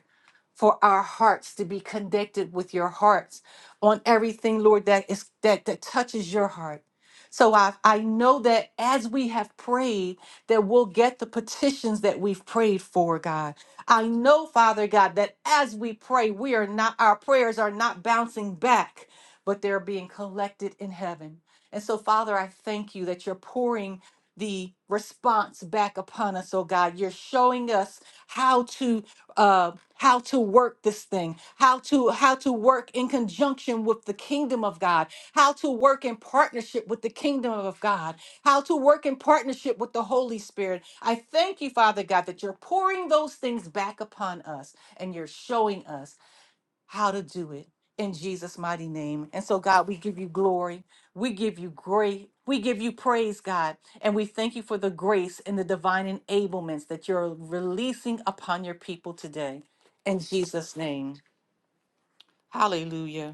Speaker 1: for our hearts to be connected with your hearts on everything, Lord, that is that that touches your heart. So I, I know that as we have prayed, that we'll get the petitions that we've prayed for, God. I know, Father God, that as we pray, we are not our prayers are not bouncing back, but they're being collected in heaven. And so, Father, I thank you that you're pouring the response back upon us, oh God. You're showing us how to uh how to work this thing how to how to work in conjunction with the kingdom of god how to work in partnership with the kingdom of god how to work in partnership with the holy spirit i thank you father god that you're pouring those things back upon us and you're showing us how to do it in Jesus' mighty name. And so, God, we give you glory. We give you great. We give you praise, God. And we thank you for the grace and the divine enablements that you're releasing upon your people today. In Jesus' name. Hallelujah.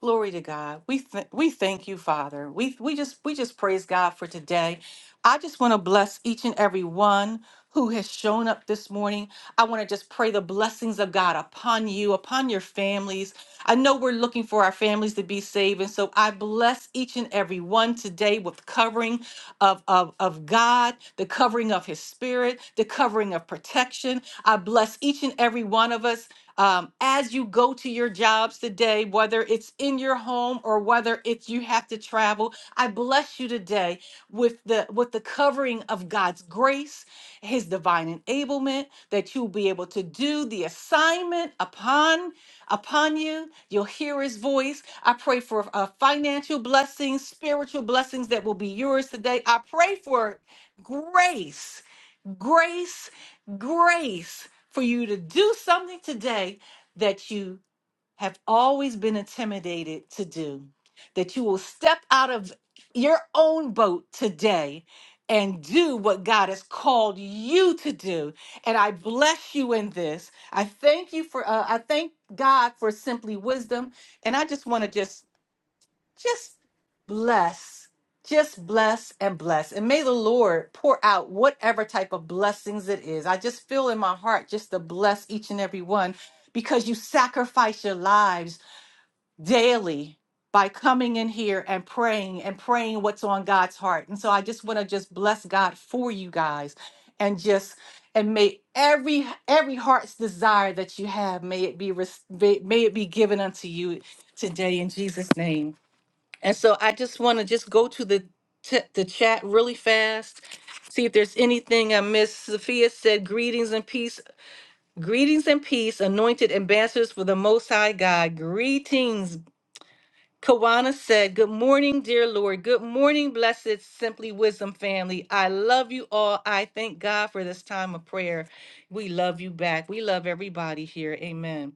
Speaker 1: Glory to God. We th- we thank you, Father. We we just we just praise God for today. I just want to bless each and every one who has shown up this morning. I want to just pray the blessings of God upon you, upon your families. I know we're looking for our families to be saved, and so I bless each and every one today with covering of, of, of God, the covering of his spirit, the covering of protection. I bless each and every one of us um, as you go to your jobs today, whether it's in your home or whether it's you have to travel, I bless you today with the with the covering of God's grace, His divine enablement that you'll be able to do the assignment upon upon you. You'll hear His voice. I pray for uh, financial blessings, spiritual blessings that will be yours today. I pray for grace grace, grace for you to do something today that you have always been intimidated to do, that you will step out of your own boat today and do what God has called you to do. And I bless you in this. I thank you for, uh, I thank God for simply wisdom. And I just want to just just bless just bless and bless and may the lord pour out whatever type of blessings it is i just feel in my heart just to bless each and every one because you sacrifice your lives daily by coming in here and praying and praying what's on god's heart and so i just want to just bless god for you guys and just and may every every heart's desire that you have may it be res- may may it be given unto you today in jesus name and so I just want to just go to the t- the chat really fast, see if there's anything I missed. Sophia said, "Greetings and peace, greetings and peace, anointed ambassadors for the Most High God. Greetings, Kawana said, Good morning, dear Lord. Good morning, blessed Simply Wisdom family. I love you all. I thank God for this time of prayer. We love you back. We love everybody here. Amen.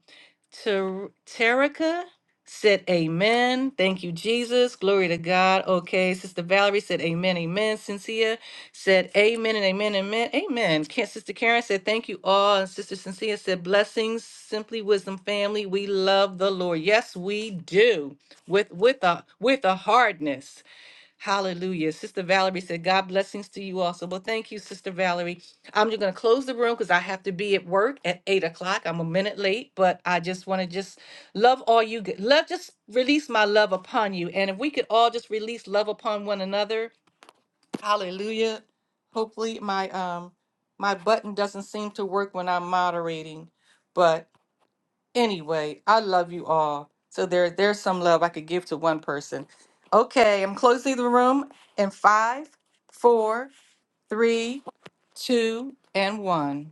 Speaker 1: Ter- Terica said, Amen. Thank you, Jesus. Glory to God. Okay. Sister Valerie said, Amen. Amen. Cynthia said, Amen and amen. Amen. Amen. Ca- Sister Karen said, Thank you all. And Sister Cynthia said, Blessings, Simply Wisdom family. We love the Lord. Yes, we do with with a with a hardness. Hallelujah. Sister Valerie said, God blessings to you also. Well, thank you, Sister Valerie. I'm just gonna close the room because I have to be at work at eight o'clock. I'm a minute late, but I just want to just love all you g- love, just release my love upon you. And if we could all just release love upon one another, hallelujah. Hopefully my um my button doesn't seem to work when I'm moderating, but Anyway, I love you all. So there, there's some love I could give to one person. Okay, I'm closing the room in five, four, three, two, and one.